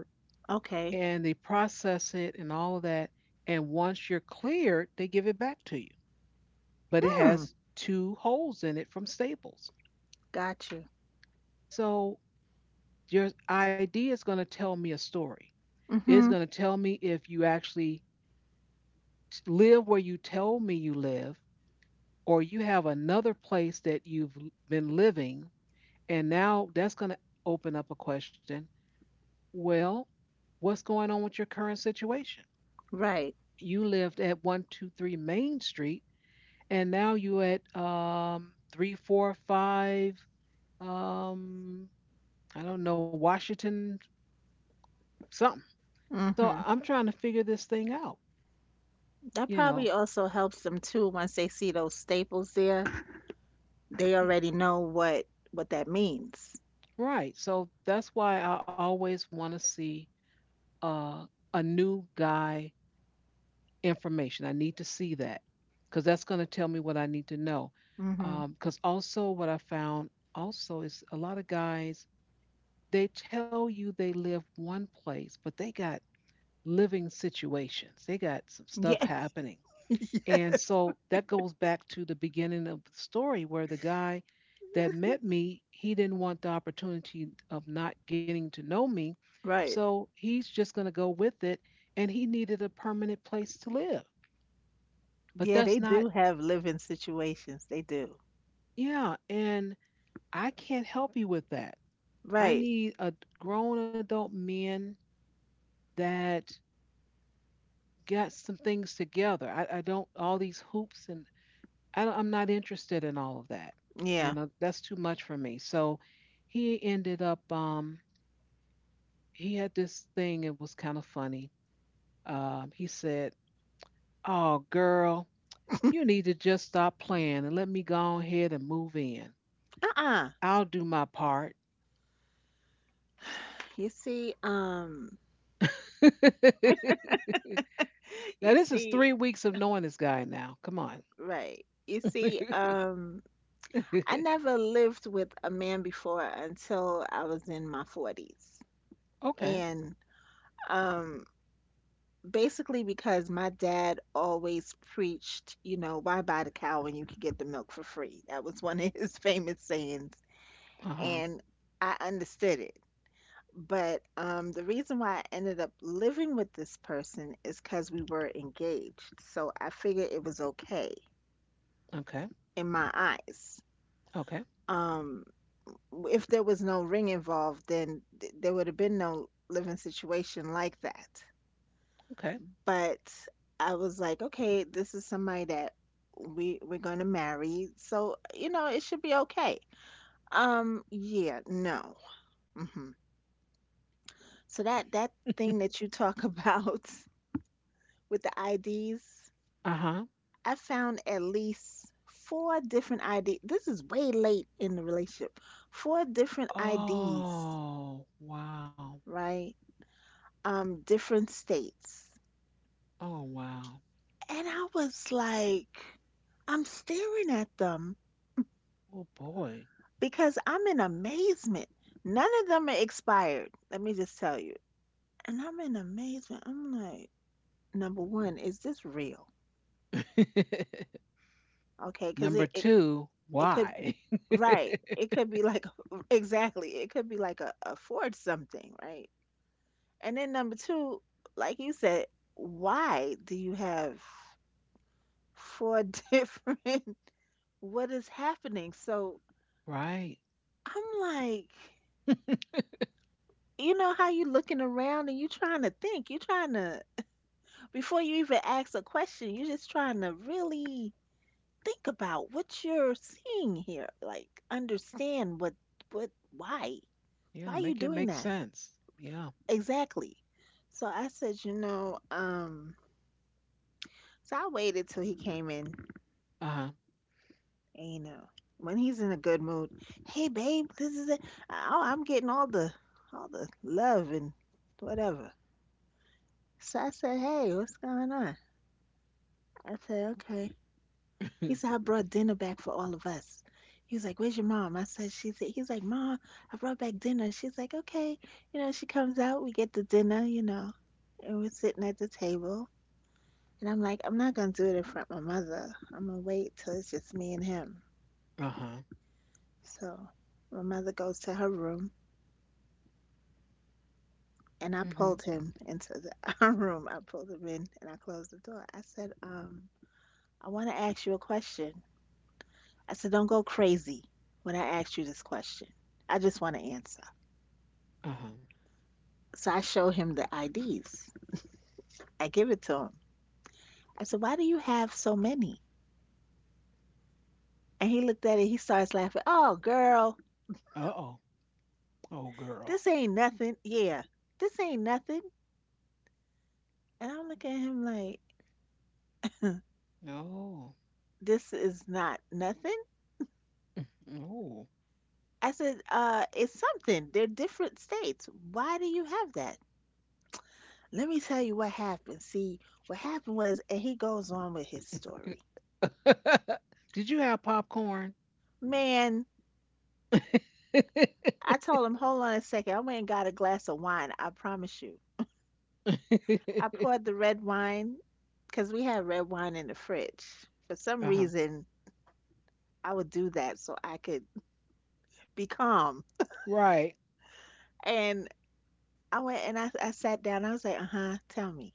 Speaker 2: Okay.
Speaker 1: and they process it and all of that. And once you're cleared, they give it back to you. But it
Speaker 2: Hmm.
Speaker 1: has two holes in it from staples.
Speaker 2: Got you.
Speaker 1: So your ID is going to tell me a story. It's
Speaker 2: Mhm.
Speaker 1: going to tell me if you actually live where you told me you live, or you have another place that you've been living. And now that's going to open up a question. Well, what's going on with your current situation?
Speaker 2: Right.
Speaker 1: You lived at 123 Main Street, and now you at 345, um, I don't know, Washington something. So
Speaker 2: Mhm.
Speaker 1: I'm trying to figure this thing out,
Speaker 2: That
Speaker 1: you
Speaker 2: probably
Speaker 1: know.
Speaker 2: also helps them too once they see those staples there. They already know what that means.
Speaker 1: Right. So that's why I always want to see uh, a new guy information. I need to see that because that's going to tell me what I need to know.
Speaker 2: Mhm.
Speaker 1: Because also, what I found also is a lot of guys, they tell you they live one place, but they got living situations, they got some stuff
Speaker 2: Yeah.
Speaker 1: happening.
Speaker 2: Yeah.
Speaker 1: And so that goes back to the beginning of the story where the guy that met me, he didn't want the opportunity of not getting to know me.
Speaker 2: Right.
Speaker 1: So he's just going to go with it. And he needed a permanent place to live. But
Speaker 2: Yeah, they
Speaker 1: that's not,
Speaker 2: do have living situations. They do.
Speaker 1: yeah. And I can't help you with that. I
Speaker 2: Right.
Speaker 1: need a grown adult men that got some things together. I don't, all these hoops and I don't, I'm not interested in all of that. You
Speaker 2: Yeah.
Speaker 1: know, that's too much for me. So he ended up, he had this thing. It was kind of funny. He said, "Oh, girl, you need to just stop playing and let me go ahead and move in.
Speaker 2: Uh-uh.
Speaker 1: I'll do my part."
Speaker 2: You see,
Speaker 1: Now,
Speaker 2: you
Speaker 1: this is
Speaker 2: see,
Speaker 1: 3 weeks of knowing this guy now. Come on.
Speaker 2: right. You see, I never lived with a man before until I was in my 40s.
Speaker 1: Okay.
Speaker 2: And um, basically because my dad always preached, you know, why buy the cow when you can get the milk for free? That was one of his famous sayings.
Speaker 1: Uh huh.
Speaker 2: And I understood it. But the reason why I ended up living with this person is because we were engaged. So I figured it was okay
Speaker 1: Okay.
Speaker 2: in my eyes.
Speaker 1: Okay.
Speaker 2: Um, if there was no ring involved, then there would have been no living situation like that.
Speaker 1: Okay.
Speaker 2: But I was like, okay, this is somebody that we're going to marry, so you know it should be okay. Yeah, no. Hmm. So that thing that you talk about with the IDs.
Speaker 1: Uh huh.
Speaker 2: I found at least four different ID. This is way late in the relationship. 4 different IDs,
Speaker 1: Oh, wow.
Speaker 2: right? Different states.
Speaker 1: Oh, wow.
Speaker 2: And I was like, I'm staring at them
Speaker 1: Oh, boy.
Speaker 2: because I'm in amazement. None of them are expired. Let me just tell you. And I'm in amazement. I'm like, number 1, is this real? Okay, because
Speaker 1: Number
Speaker 2: it
Speaker 1: two,
Speaker 2: it could,
Speaker 1: why?
Speaker 2: right, it could be like exactly, it could be like a ford something, right? And then number two, like you said, why do you have four different, what is happening? So
Speaker 1: Right.
Speaker 2: I'm like, you know how you looking around and you trying to think, you trying to, before you even ask a question, you're just trying to really think about what you're seeing here, like understand what why why
Speaker 1: Yeah,
Speaker 2: are you
Speaker 1: make it
Speaker 2: doing
Speaker 1: make
Speaker 2: that?
Speaker 1: sense. Yeah.
Speaker 2: Exactly. So I said, you know, so I waited till he came in,
Speaker 1: Uh huh.
Speaker 2: and, you know, when he's in a good mood, hey babe, this is it. Oh, I'm getting all the love and whatever. So I said, hey, what's going on? I said, okay. He said, I brought dinner back for all of us. He was like, where's your mom? I said, she's. He's like, mom, I brought back dinner. She's like, okay. You know, she comes out, we get the dinner, you know, and we're sitting at the table. And I'm like, I'm not gonna do it in front of my mother. I'm gonna wait till it's just me and him.
Speaker 1: uh huh.
Speaker 2: So my mother goes to her room and I
Speaker 1: Mm-hmm.
Speaker 2: pulled him into the our room. I pulled him in and I closed the door. I said, I wanna ask you a question. I said, don't go crazy when I ask you this question. I just wanna answer.
Speaker 1: Uh huh.
Speaker 2: So I show him the IDs. I give it to him. I said, why do you have so many? And he looked at it, he starts laughing, oh girl,
Speaker 1: Uh oh. Oh,
Speaker 2: this
Speaker 1: girl.
Speaker 2: ain't nothing. Yeah, this ain't nothing. And I'm looking at him like, "Huh,
Speaker 1: Oh.
Speaker 2: this is not nothing."
Speaker 1: Oh.
Speaker 2: I said, it's something. They're different states. Why do you have that? Let me tell you what happened. See, what happened was, and he goes on with his story.
Speaker 1: Did you have popcorn?
Speaker 2: Man,
Speaker 1: uh-huh.
Speaker 2: I told him, hold on a second. I went and got a glass of wine. I promise you. I poured the red wine because we had red wine in the fridge. For some reason, I would do that so I could be calm.
Speaker 1: Right.
Speaker 2: And I went and I sat down. I was like, uh huh, tell me.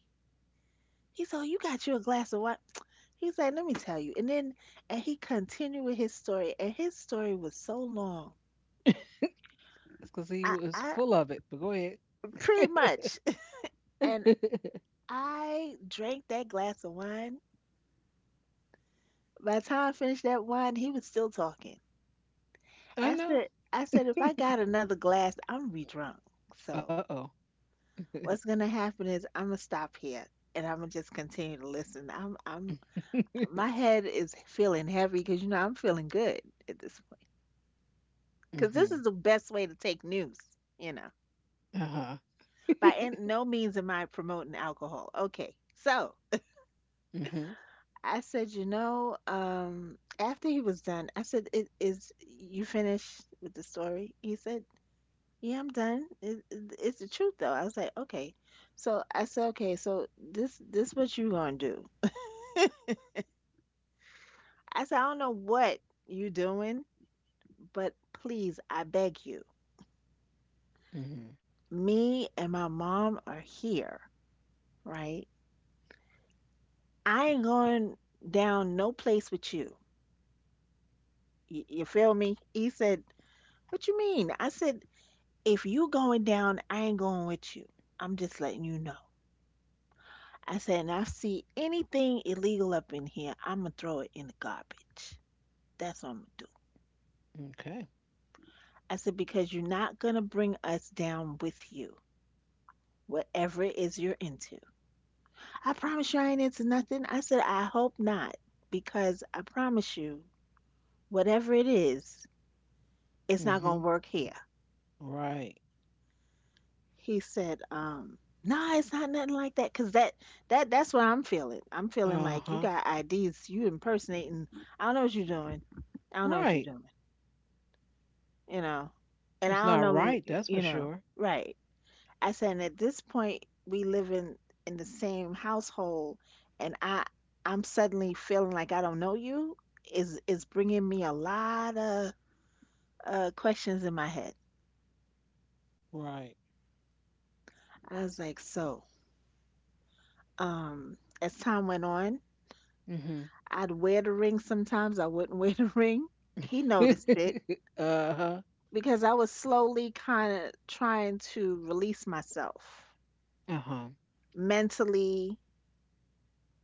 Speaker 2: He said, "Oh, you got you a glass of wine." He said, "Let me tell you." And he continued with his story, and his story was so long.
Speaker 1: It's because he was
Speaker 2: I
Speaker 1: full of it, but go ahead.
Speaker 2: pretty much, and I drank that glass of wine. By the time I finished that wine, he was still talking.
Speaker 1: I know.
Speaker 2: I said, if I got another glass, I'm be drunk.
Speaker 1: Uh
Speaker 2: So
Speaker 1: oh.
Speaker 2: what's gonna happen is I'm gonna stop here and I'm gonna just continue to listen. My head is feeling heavy because you know I'm feeling good at this. Because
Speaker 1: Mm
Speaker 2: this is
Speaker 1: hmm.
Speaker 2: the best way to take news, you know.
Speaker 1: Uh huh.
Speaker 2: By no means am I promoting alcohol. Okay. So
Speaker 1: mhm.
Speaker 2: I said, you know, after he was done, I said, "Is you finished with the story?" He said, yeah, I'm done. It's the truth, though. I was like, okay. So I said, okay, so this what you gonna do? I said, I don't know what you doing, but please, I beg you,
Speaker 1: Mhm.
Speaker 2: me and my mom are here, right? I ain't going down no place with you. You feel me? He said, "What you mean?" I said, "If you going down, I ain't going with you. I'm just letting you know." I said, "And I see anything illegal up in here, I'm going to throw it in the garbage. That's what I'm going to do."
Speaker 1: Okay.
Speaker 2: I said, "Because you're not going to bring us down with you, whatever it is you're into." "I promise you I ain't into nothing." I said, "I hope not, because I promise you, whatever it is, it's not going
Speaker 1: Mhm.
Speaker 2: to work here."
Speaker 1: Right.
Speaker 2: He said, "Nah, it's not nothing like that, 'cause that's what I'm feeling. I'm feeling
Speaker 1: Uh
Speaker 2: like you
Speaker 1: huh.
Speaker 2: got IDs, you impersonating. I don't know what you're doing. I don't know what you're
Speaker 1: Right.
Speaker 2: doing. You know, and I
Speaker 1: It's
Speaker 2: don't
Speaker 1: not
Speaker 2: know.
Speaker 1: right. That's for
Speaker 2: You know,
Speaker 1: sure.
Speaker 2: right?" I said, "And at this point, we live in the same household, and I'm suddenly feeling like I don't know you. Is bringing me a lot of questions in my head."
Speaker 1: Right.
Speaker 2: I was like, so as time went on.
Speaker 1: Mhm.
Speaker 2: I'd wear the ring sometimes. I wouldn't wear the ring. He noticed it
Speaker 1: uh huh.
Speaker 2: because I was slowly kind of trying to release myself
Speaker 1: Uh huh.
Speaker 2: mentally.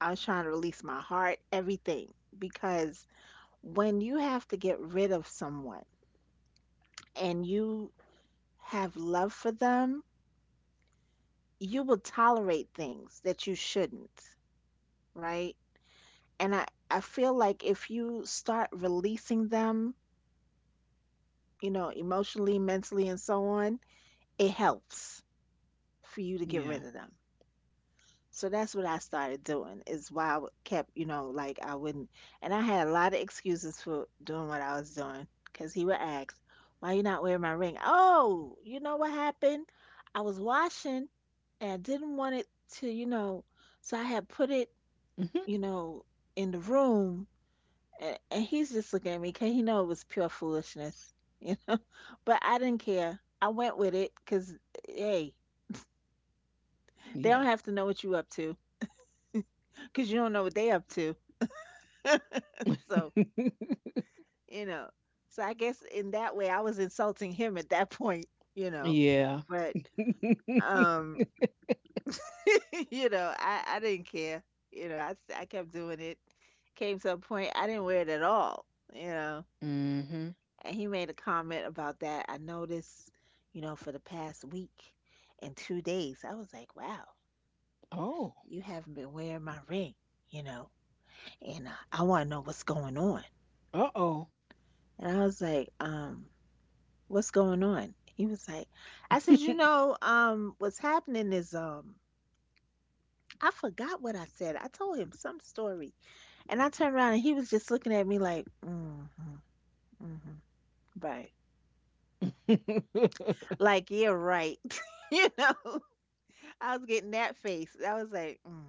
Speaker 2: I was trying to release my heart, everything. Because when you have to get rid of someone and you have love for them, you will tolerate things that you shouldn't, right? And I feel like if you start releasing them, you know, emotionally, mentally, and so on, it helps for you to get
Speaker 1: Yeah.
Speaker 2: rid of them. So that's what I started doing, is why I kept, you know, like I wouldn't. And I had a lot of excuses for doing what I was doing, because he would ask, "Why you not wearing my ring?" "Oh, you know what happened? I was washing and I didn't want it to, you know, so I had put it, you
Speaker 1: Mhm.
Speaker 2: know, in the room." And he's just looking at me because he know it was pure foolishness, you know. But I didn't care. I went with it because, hey, they
Speaker 1: Yeah.
Speaker 2: don't have to know what you up to, because you don't know what they up to. So, you know, so I guess in that way, I was insulting him at that point, you know,
Speaker 1: yeah.
Speaker 2: but, um, I didn't care. I kept doing it. Came to a point I didn't wear it at all, you know,
Speaker 1: mhm.
Speaker 2: and he made a comment about that. "I noticed, you know, for the past week and 2 days, I was like, wow,
Speaker 1: Oh.
Speaker 2: you haven't been wearing my ring, you know, and I want to know what's going on."
Speaker 1: Uh oh.
Speaker 2: And I was like, "What's going on?" He was like, I said, "You know, what's happening is, I forgot what I said." I told him some story, and I turned around and he was just looking at me like, mm-hmm, mm-hmm, right, like yeah, right. You know, I was getting that face. I was like, mm.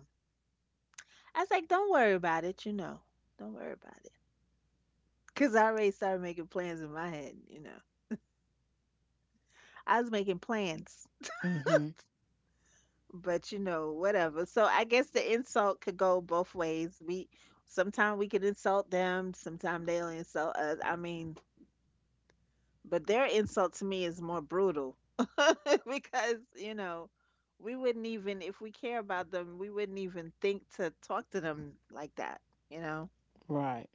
Speaker 2: I was like, "Don't worry about it. You know, don't worry about it," because I already started making plans in my head. You know, I was making plans.
Speaker 1: Mhm.
Speaker 2: But you know, whatever. So I guess the insult could go both ways. We sometimes we can insult them, sometimes they'll insult us, I mean, but their insult to me is more brutal. Because you know, we wouldn't, even if we care about them, we wouldn't even think to talk to them like that, you know.
Speaker 1: Right.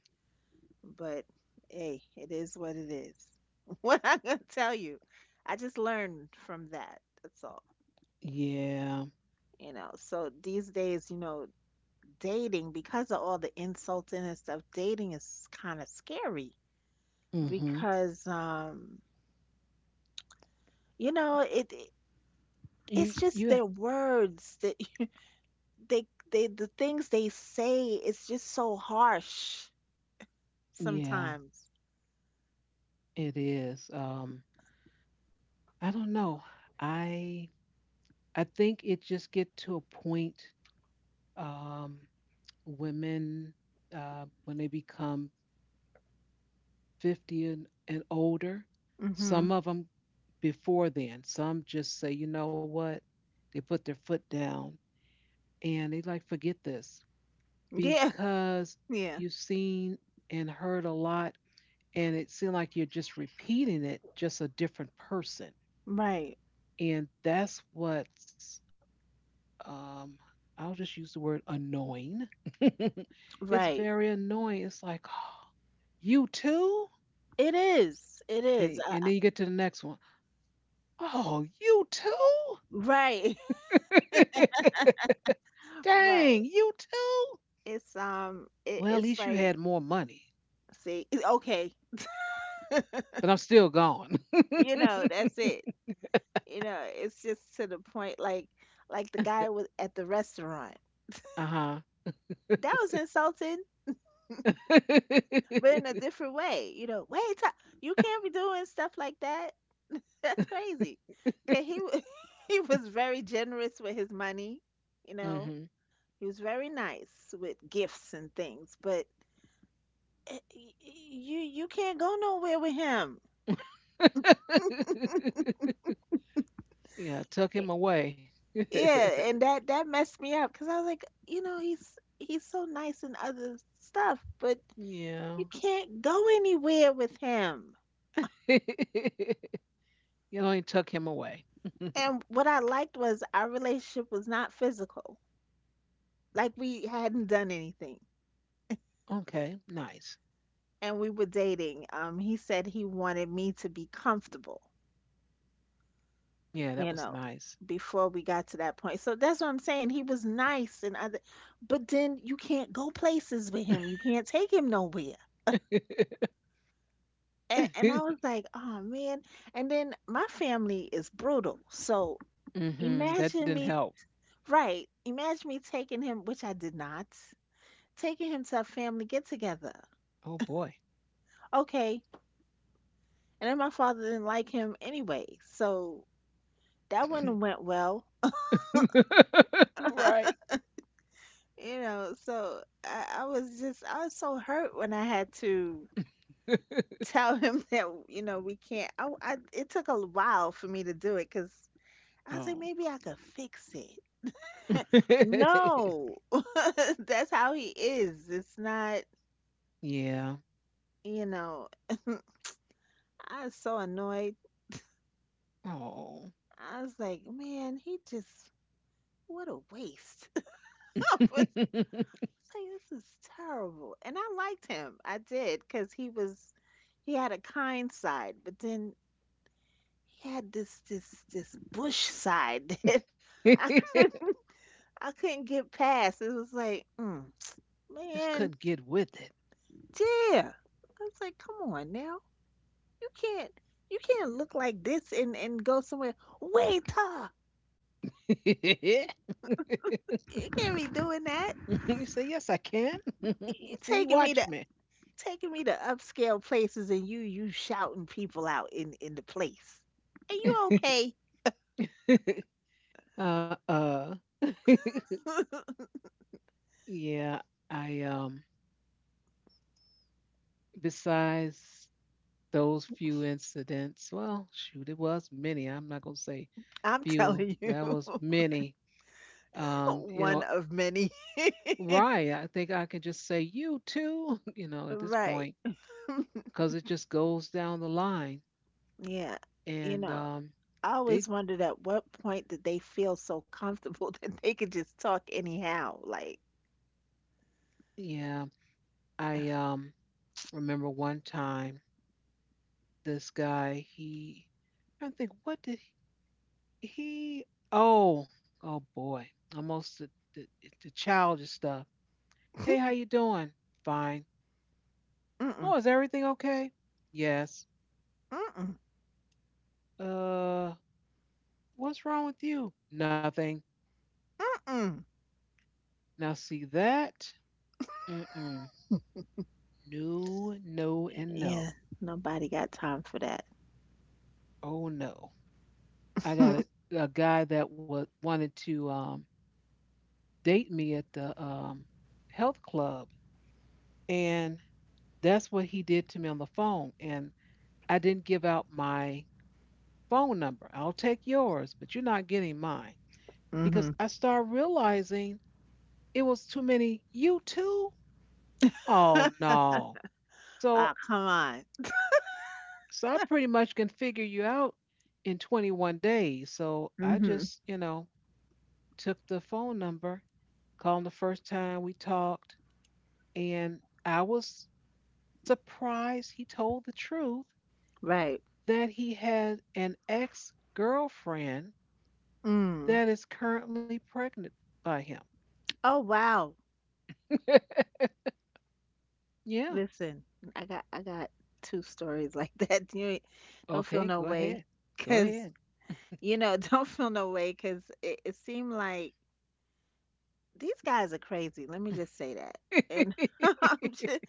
Speaker 2: But hey, it is what it is. What I'm gonna tell you, I just learned from that, that's all,
Speaker 1: Yeah.
Speaker 2: you know. So these days, you know, dating, because of all the insulting and stuff, dating is kind of scary
Speaker 1: Mhm.
Speaker 2: because you know, it's
Speaker 1: You.
Speaker 2: just
Speaker 1: You.
Speaker 2: their words that they they, the things they say, it's just so harsh
Speaker 1: Yeah.
Speaker 2: sometimes.
Speaker 1: It is. I don't know. I I think it just get to a point um women when they become 50 and, older,
Speaker 2: Hmm.
Speaker 1: some of them before then, some just say, "You know what?" They put their foot down and they like forget this
Speaker 2: Yeah,
Speaker 1: because
Speaker 2: yeah.
Speaker 1: you've seen and heard a lot, and it seems like you're just repeating it just a different person.
Speaker 2: Right.
Speaker 1: And that's what's um, I'll just use the word annoying. It's
Speaker 2: Right.
Speaker 1: very annoying. It's like, oh, you too?
Speaker 2: It is. It is.
Speaker 1: And then you get to the next one. Oh, you too?
Speaker 2: Right.
Speaker 1: Dang,
Speaker 2: Right.
Speaker 1: you too?
Speaker 2: It's It,
Speaker 1: Well, at
Speaker 2: it's
Speaker 1: least you
Speaker 2: like
Speaker 1: had more money,
Speaker 2: see. Okay.
Speaker 1: but I'm still gone.
Speaker 2: You know. That's it. You know, it's just to the point like the guy was at the restaurant
Speaker 1: uh huh.
Speaker 2: that was insulting, but in a different way. You know, wait you can't be doing stuff like that, that's crazy. Okay, he he was very generous with his money, you know.
Speaker 1: Hmm.
Speaker 2: He was very nice with gifts and things, but you can't go nowhere with him.
Speaker 1: Yeah, tuck
Speaker 2: Y-
Speaker 1: him away. yeah.
Speaker 2: yeah, and that messed me up, because I was like, you know, he's so nice and other stuff, but you can't go anywhere with him.
Speaker 1: You know, you tuck him away.
Speaker 2: And what I liked was our relationship was not physical. Like we hadn't done anything
Speaker 1: Okay, nice.
Speaker 2: and we were dating. He said he wanted me to be comfortable,
Speaker 1: Yeah, that
Speaker 2: you
Speaker 1: was
Speaker 2: know,
Speaker 1: nice.
Speaker 2: before we got to that point. So that's what I'm saying. He was nice and other, but then you can't go places with him. You can't take him nowhere.
Speaker 1: Hmm.
Speaker 2: And I was like, oh man. And then my family is brutal. So
Speaker 1: That didn't
Speaker 2: imagine me.
Speaker 1: help.
Speaker 2: Right. Imagine me taking him, which I did not, taking him to a family get together.
Speaker 1: Oh boy.
Speaker 2: Okay. And then my father didn't like him anyway. So that wouldn't have went well.
Speaker 1: right.
Speaker 2: You know, so I was just, I was so hurt when I had to tell him that, you know, we can't. I, it took a while for me to do it because I was like,
Speaker 1: Oh.
Speaker 2: maybe I could fix it. No. That's how he is. It's not,
Speaker 1: yeah.
Speaker 2: you know. I was so annoyed.
Speaker 1: Oh.
Speaker 2: I was like, man, he just what a waste. I was like, this is terrible. And I liked him. I did, because he was, he had a kind side, but then he had this bush side that I couldn't, I couldn't get past. It was like, mm,
Speaker 1: Just
Speaker 2: man,
Speaker 1: couldn't get with
Speaker 2: dear. I was like, come on now, you can't, you can't look like this and go somewhere, waiter.
Speaker 1: it.
Speaker 2: You can't be doing that.
Speaker 1: You say, yes, I can.
Speaker 2: You
Speaker 1: See,
Speaker 2: taking me
Speaker 1: watch
Speaker 2: to,
Speaker 1: me.
Speaker 2: taking me to upscale places and you shouting people out in the place. Are you okay?
Speaker 1: Uh. yeah. I besides those few incidents, well shoot, it was many, I'm not going to say
Speaker 2: I'm
Speaker 1: few,
Speaker 2: telling you,
Speaker 1: that was many, you know.
Speaker 2: one of many.
Speaker 1: Right, I think I can just say, you too. You know, at this
Speaker 2: Right.
Speaker 1: point, because it just goes down the line.
Speaker 2: Yeah. You
Speaker 1: And
Speaker 2: know, I
Speaker 1: they,
Speaker 2: always wondered, at what point did they feel so comfortable that they could just talk anyhow? Like,
Speaker 1: yeah. I remember one time this guy, he, I think what did he oh oh boy, almost the, the childish stuff. Hey, how you doing? Fine.
Speaker 2: mm-mm,
Speaker 1: Oh, is everything okay? Yes.
Speaker 2: mm-mm,
Speaker 1: Uh, what's wrong with you? Nothing.
Speaker 2: mm-mm.
Speaker 1: Now, see that? Mm-mm. No, no, and
Speaker 2: Yeah,
Speaker 1: no.
Speaker 2: nobody got time for that.
Speaker 1: Oh no. I got a guy that was wanted to date me at the health club, and that's what he did to me on the phone. And I didn't give out my phone number. I'll take yours, but you're not getting mine because
Speaker 2: Mm-hmm.
Speaker 1: I started realizing it was too many you too. Oh no. So
Speaker 2: Ah, come on.
Speaker 1: so I pretty much can figure you out in 21 days. So I
Speaker 2: Mm-hmm.
Speaker 1: just, you know, took the phone number, called him the first time we talked, and I was surprised he told the truth
Speaker 2: Right.
Speaker 1: that he had an ex-girlfriend
Speaker 2: Mm.
Speaker 1: that is currently pregnant by him.
Speaker 2: Oh, wow.
Speaker 1: Yeah.
Speaker 2: Listen, I got two stories like that. You don't feel
Speaker 1: Okay,
Speaker 2: no
Speaker 1: go
Speaker 2: way,
Speaker 1: ahead. Go
Speaker 2: cause
Speaker 1: ahead.
Speaker 2: you know, don't feel no way, cause it seemed like these guys are crazy. Let me just say that. And I'm just,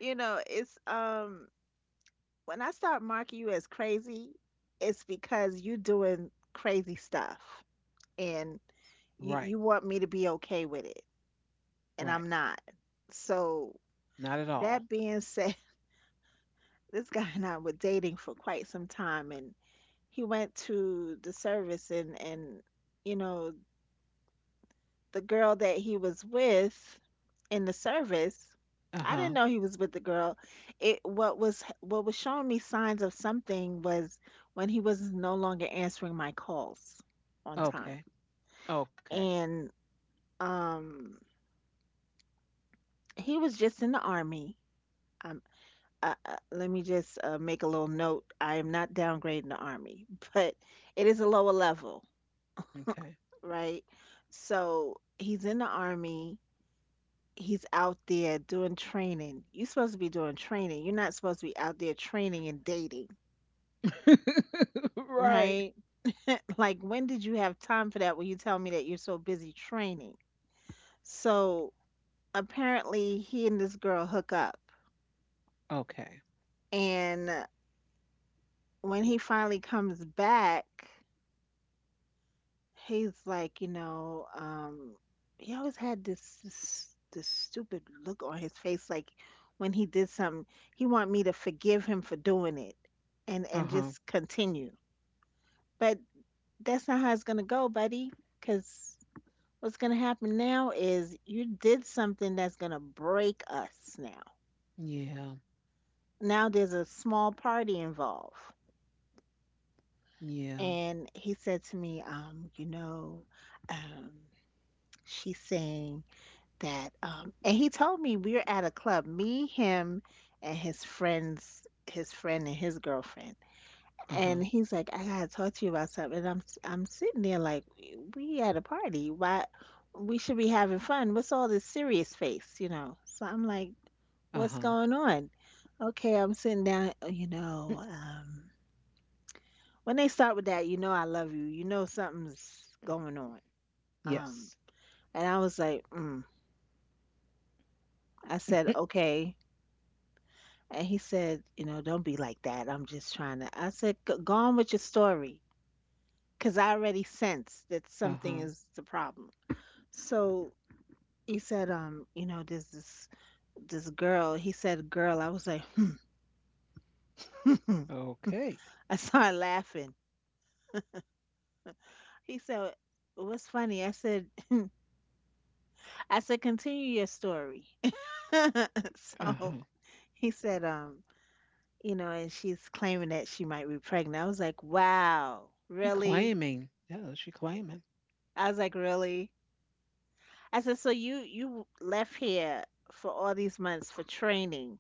Speaker 2: you know, it's when I start marking you as crazy, it's because you doing crazy stuff, and
Speaker 1: Right,
Speaker 2: you want me to be okay with it, and
Speaker 1: right.
Speaker 2: I'm not. So
Speaker 1: Not at all.
Speaker 2: that being said, this guy and I were dating for quite some time, and he went to the service, and you know, the girl that he was with in the service, I didn't
Speaker 1: Uh-huh.
Speaker 2: know he was with the girl. It, what was showing me signs of something was when he was no longer answering my calls on time.
Speaker 1: Okay. Okay.
Speaker 2: And um he was just in the army, um let me just make a little note, I am not downgrading the army, but it is a lower level,
Speaker 1: Okay.
Speaker 2: right? So he's in the army. He's out there doing training. You're supposed to be doing training. You're not supposed to be out there training and dating,
Speaker 1: right.
Speaker 2: right? Like, when did you have time for that when you tell me that you're so busy training? So apparently, he and this girl hook up.
Speaker 1: Okay.
Speaker 2: And when he finally comes back, he's like, you know, he always had this stupid look on his face, like when he did something, he want me to forgive him for doing it, and
Speaker 1: Uh
Speaker 2: and
Speaker 1: huh.
Speaker 2: just continue. But that's not how it's gonna go, buddy. Because what's gonna happen now is you did something that's gonna break us now.
Speaker 1: Yeah.
Speaker 2: Now there's a small party involved,
Speaker 1: Yeah.
Speaker 2: and he said to me, you know, um, she's saying that, and he told me we're at a club, me, him, and his friends, his friend and his girlfriend.
Speaker 1: Uh huh.
Speaker 2: And he's like, "I gotta talk to you about something." And I'm I'm sitting there like, we at a party. Why, we should be having fun. What's all this serious face, you know? So I'm like,
Speaker 1: Uh
Speaker 2: "What's
Speaker 1: huh.
Speaker 2: going on?" Okay, I'm sitting down, you know, when they start with that, "you know I love you," you know something's going on.
Speaker 1: Yes.
Speaker 2: Um and I was like, mm. I said, okay. And he said, you know, don't be like that. I'm just trying to. I said, "G- go on with your story, 'cause I already sense that
Speaker 1: Uh
Speaker 2: something
Speaker 1: huh.
Speaker 2: is the problem." So he said, you know, there's this girl. He said, girl. I was like,
Speaker 1: Okay.
Speaker 2: I started laughing. He said, what's funny? I said, continue your story.
Speaker 1: Uh
Speaker 2: So
Speaker 1: huh.
Speaker 2: he said, you know, and she's claiming that she might be pregnant. I was like, wow,
Speaker 1: She
Speaker 2: really?
Speaker 1: claiming. Yeah, she claiming.
Speaker 2: I was like, really? I said, so you left here for all these months for training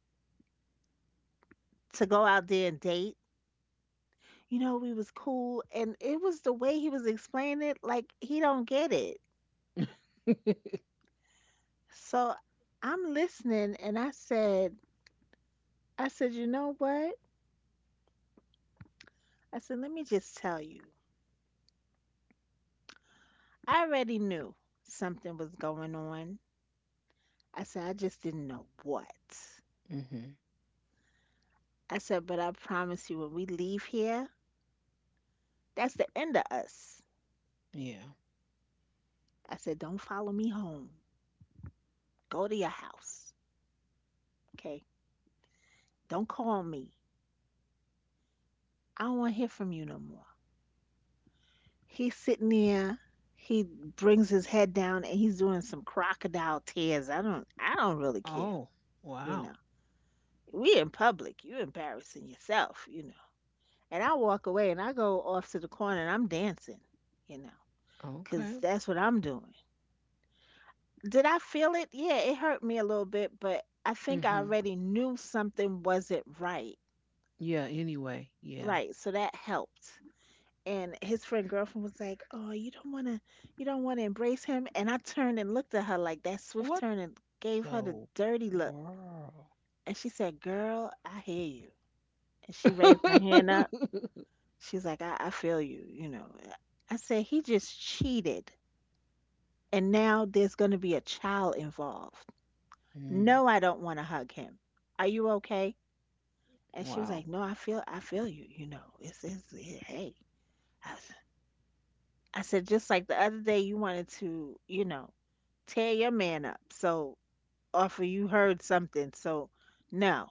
Speaker 2: to go out there and date. You know, we was cool, and it was the way he was explaining it, like he don't get it.
Speaker 1: mm-hmm.
Speaker 2: So I'm listening, and I said, you know what? I said, let me just tell you. I already knew something was going on. I said, I just didn't know what. I said, but I promise you, when we leave here, that's the end of us.
Speaker 1: Yeah.
Speaker 2: I said, don't follow me home. Go to your house. Okay. Don't call me. I don't want to hear from you no more. He's sitting there. He brings his head down and he's doing some crocodile tears. I don't. I don't really care.
Speaker 1: Oh.
Speaker 2: You
Speaker 1: Wow.
Speaker 2: know. We in public. You're embarrassing yourself. You know. And I walk away and I go off to the corner and I'm dancing. You know.
Speaker 1: Okay.
Speaker 2: Cause that's what I'm doing. Did I feel it? Yeah, it hurt me a little bit, but I think I
Speaker 1: Mm-hmm.
Speaker 2: already knew something wasn't right.
Speaker 1: Yeah. Anyway. Yeah.
Speaker 2: Right. So that helped. And his friend girlfriend was like, "Oh, you don't want to you don't want to embrace him." And I turned and looked at her like that
Speaker 1: What
Speaker 2: swift turn and gave her the
Speaker 1: the
Speaker 2: dirty look.
Speaker 1: world?
Speaker 2: And she said, "Girl, I hear you." And she raised her hand up. She's like, "I feel you, you know." I said, "He just cheated, and now there's going to be a child involved."
Speaker 1: Mm.
Speaker 2: No, I don't want to hug him. Are you okay? And she was
Speaker 1: Wow.
Speaker 2: like, "No, I feel you, you know. It's it, hey." I, s- I said, just like the other day, you wanted to, you know, tear your man up. So, offer you heard something. So, no,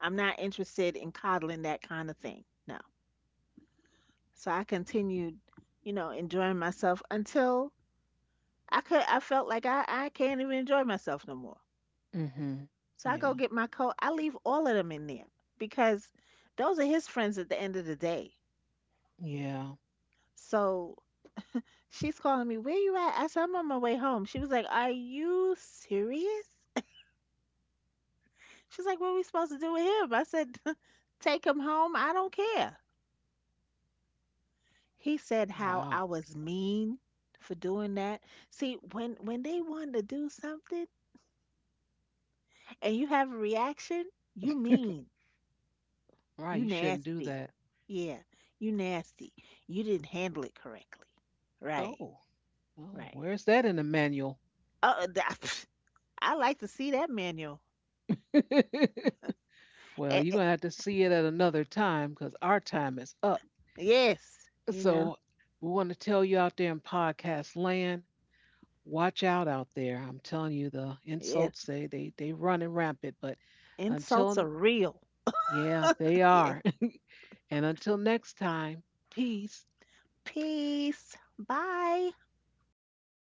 Speaker 2: I'm not interested in coddling that kind of thing. No. So I continued, you know, enjoying myself until I could. I felt like I can't even enjoy myself no more.
Speaker 1: Mm-hmm.
Speaker 2: So I
Speaker 1: Yeah.
Speaker 2: go get my coat. I leave all of them in there because those are his friends at the end of the day.
Speaker 1: Yeah.
Speaker 2: So she's calling me, "Where you at?" I said, "I'm on my way home." She was like, "Are you serious?" She's like, "What are we supposed to do with him?" I said. Take him home, I don't care." He said how I
Speaker 1: Wow.
Speaker 2: was mean for doing that. See, when they want to do something and you have a reaction, you mean, you
Speaker 1: Right. You shouldn't do
Speaker 2: nasty.
Speaker 1: that.
Speaker 2: Yeah, you nasty. You didn't handle it correctly. Right,
Speaker 1: Oh, oh,
Speaker 2: right.
Speaker 1: where's that in the manual?
Speaker 2: Uh, that- I like to see that manual.
Speaker 1: Well,
Speaker 2: Eh,
Speaker 1: you're
Speaker 2: eh,
Speaker 1: going to have to see it at another time because our time is up.
Speaker 2: yes, you know,
Speaker 1: So we want to tell you out there in podcast land, watch out out there. I'm telling you, the
Speaker 2: yes.
Speaker 1: insults, they run and rampant. But
Speaker 2: Insults
Speaker 1: until,
Speaker 2: are real.
Speaker 1: yeah, they
Speaker 2: Yes.
Speaker 1: are. And until next time, peace.
Speaker 2: Peace. Bye.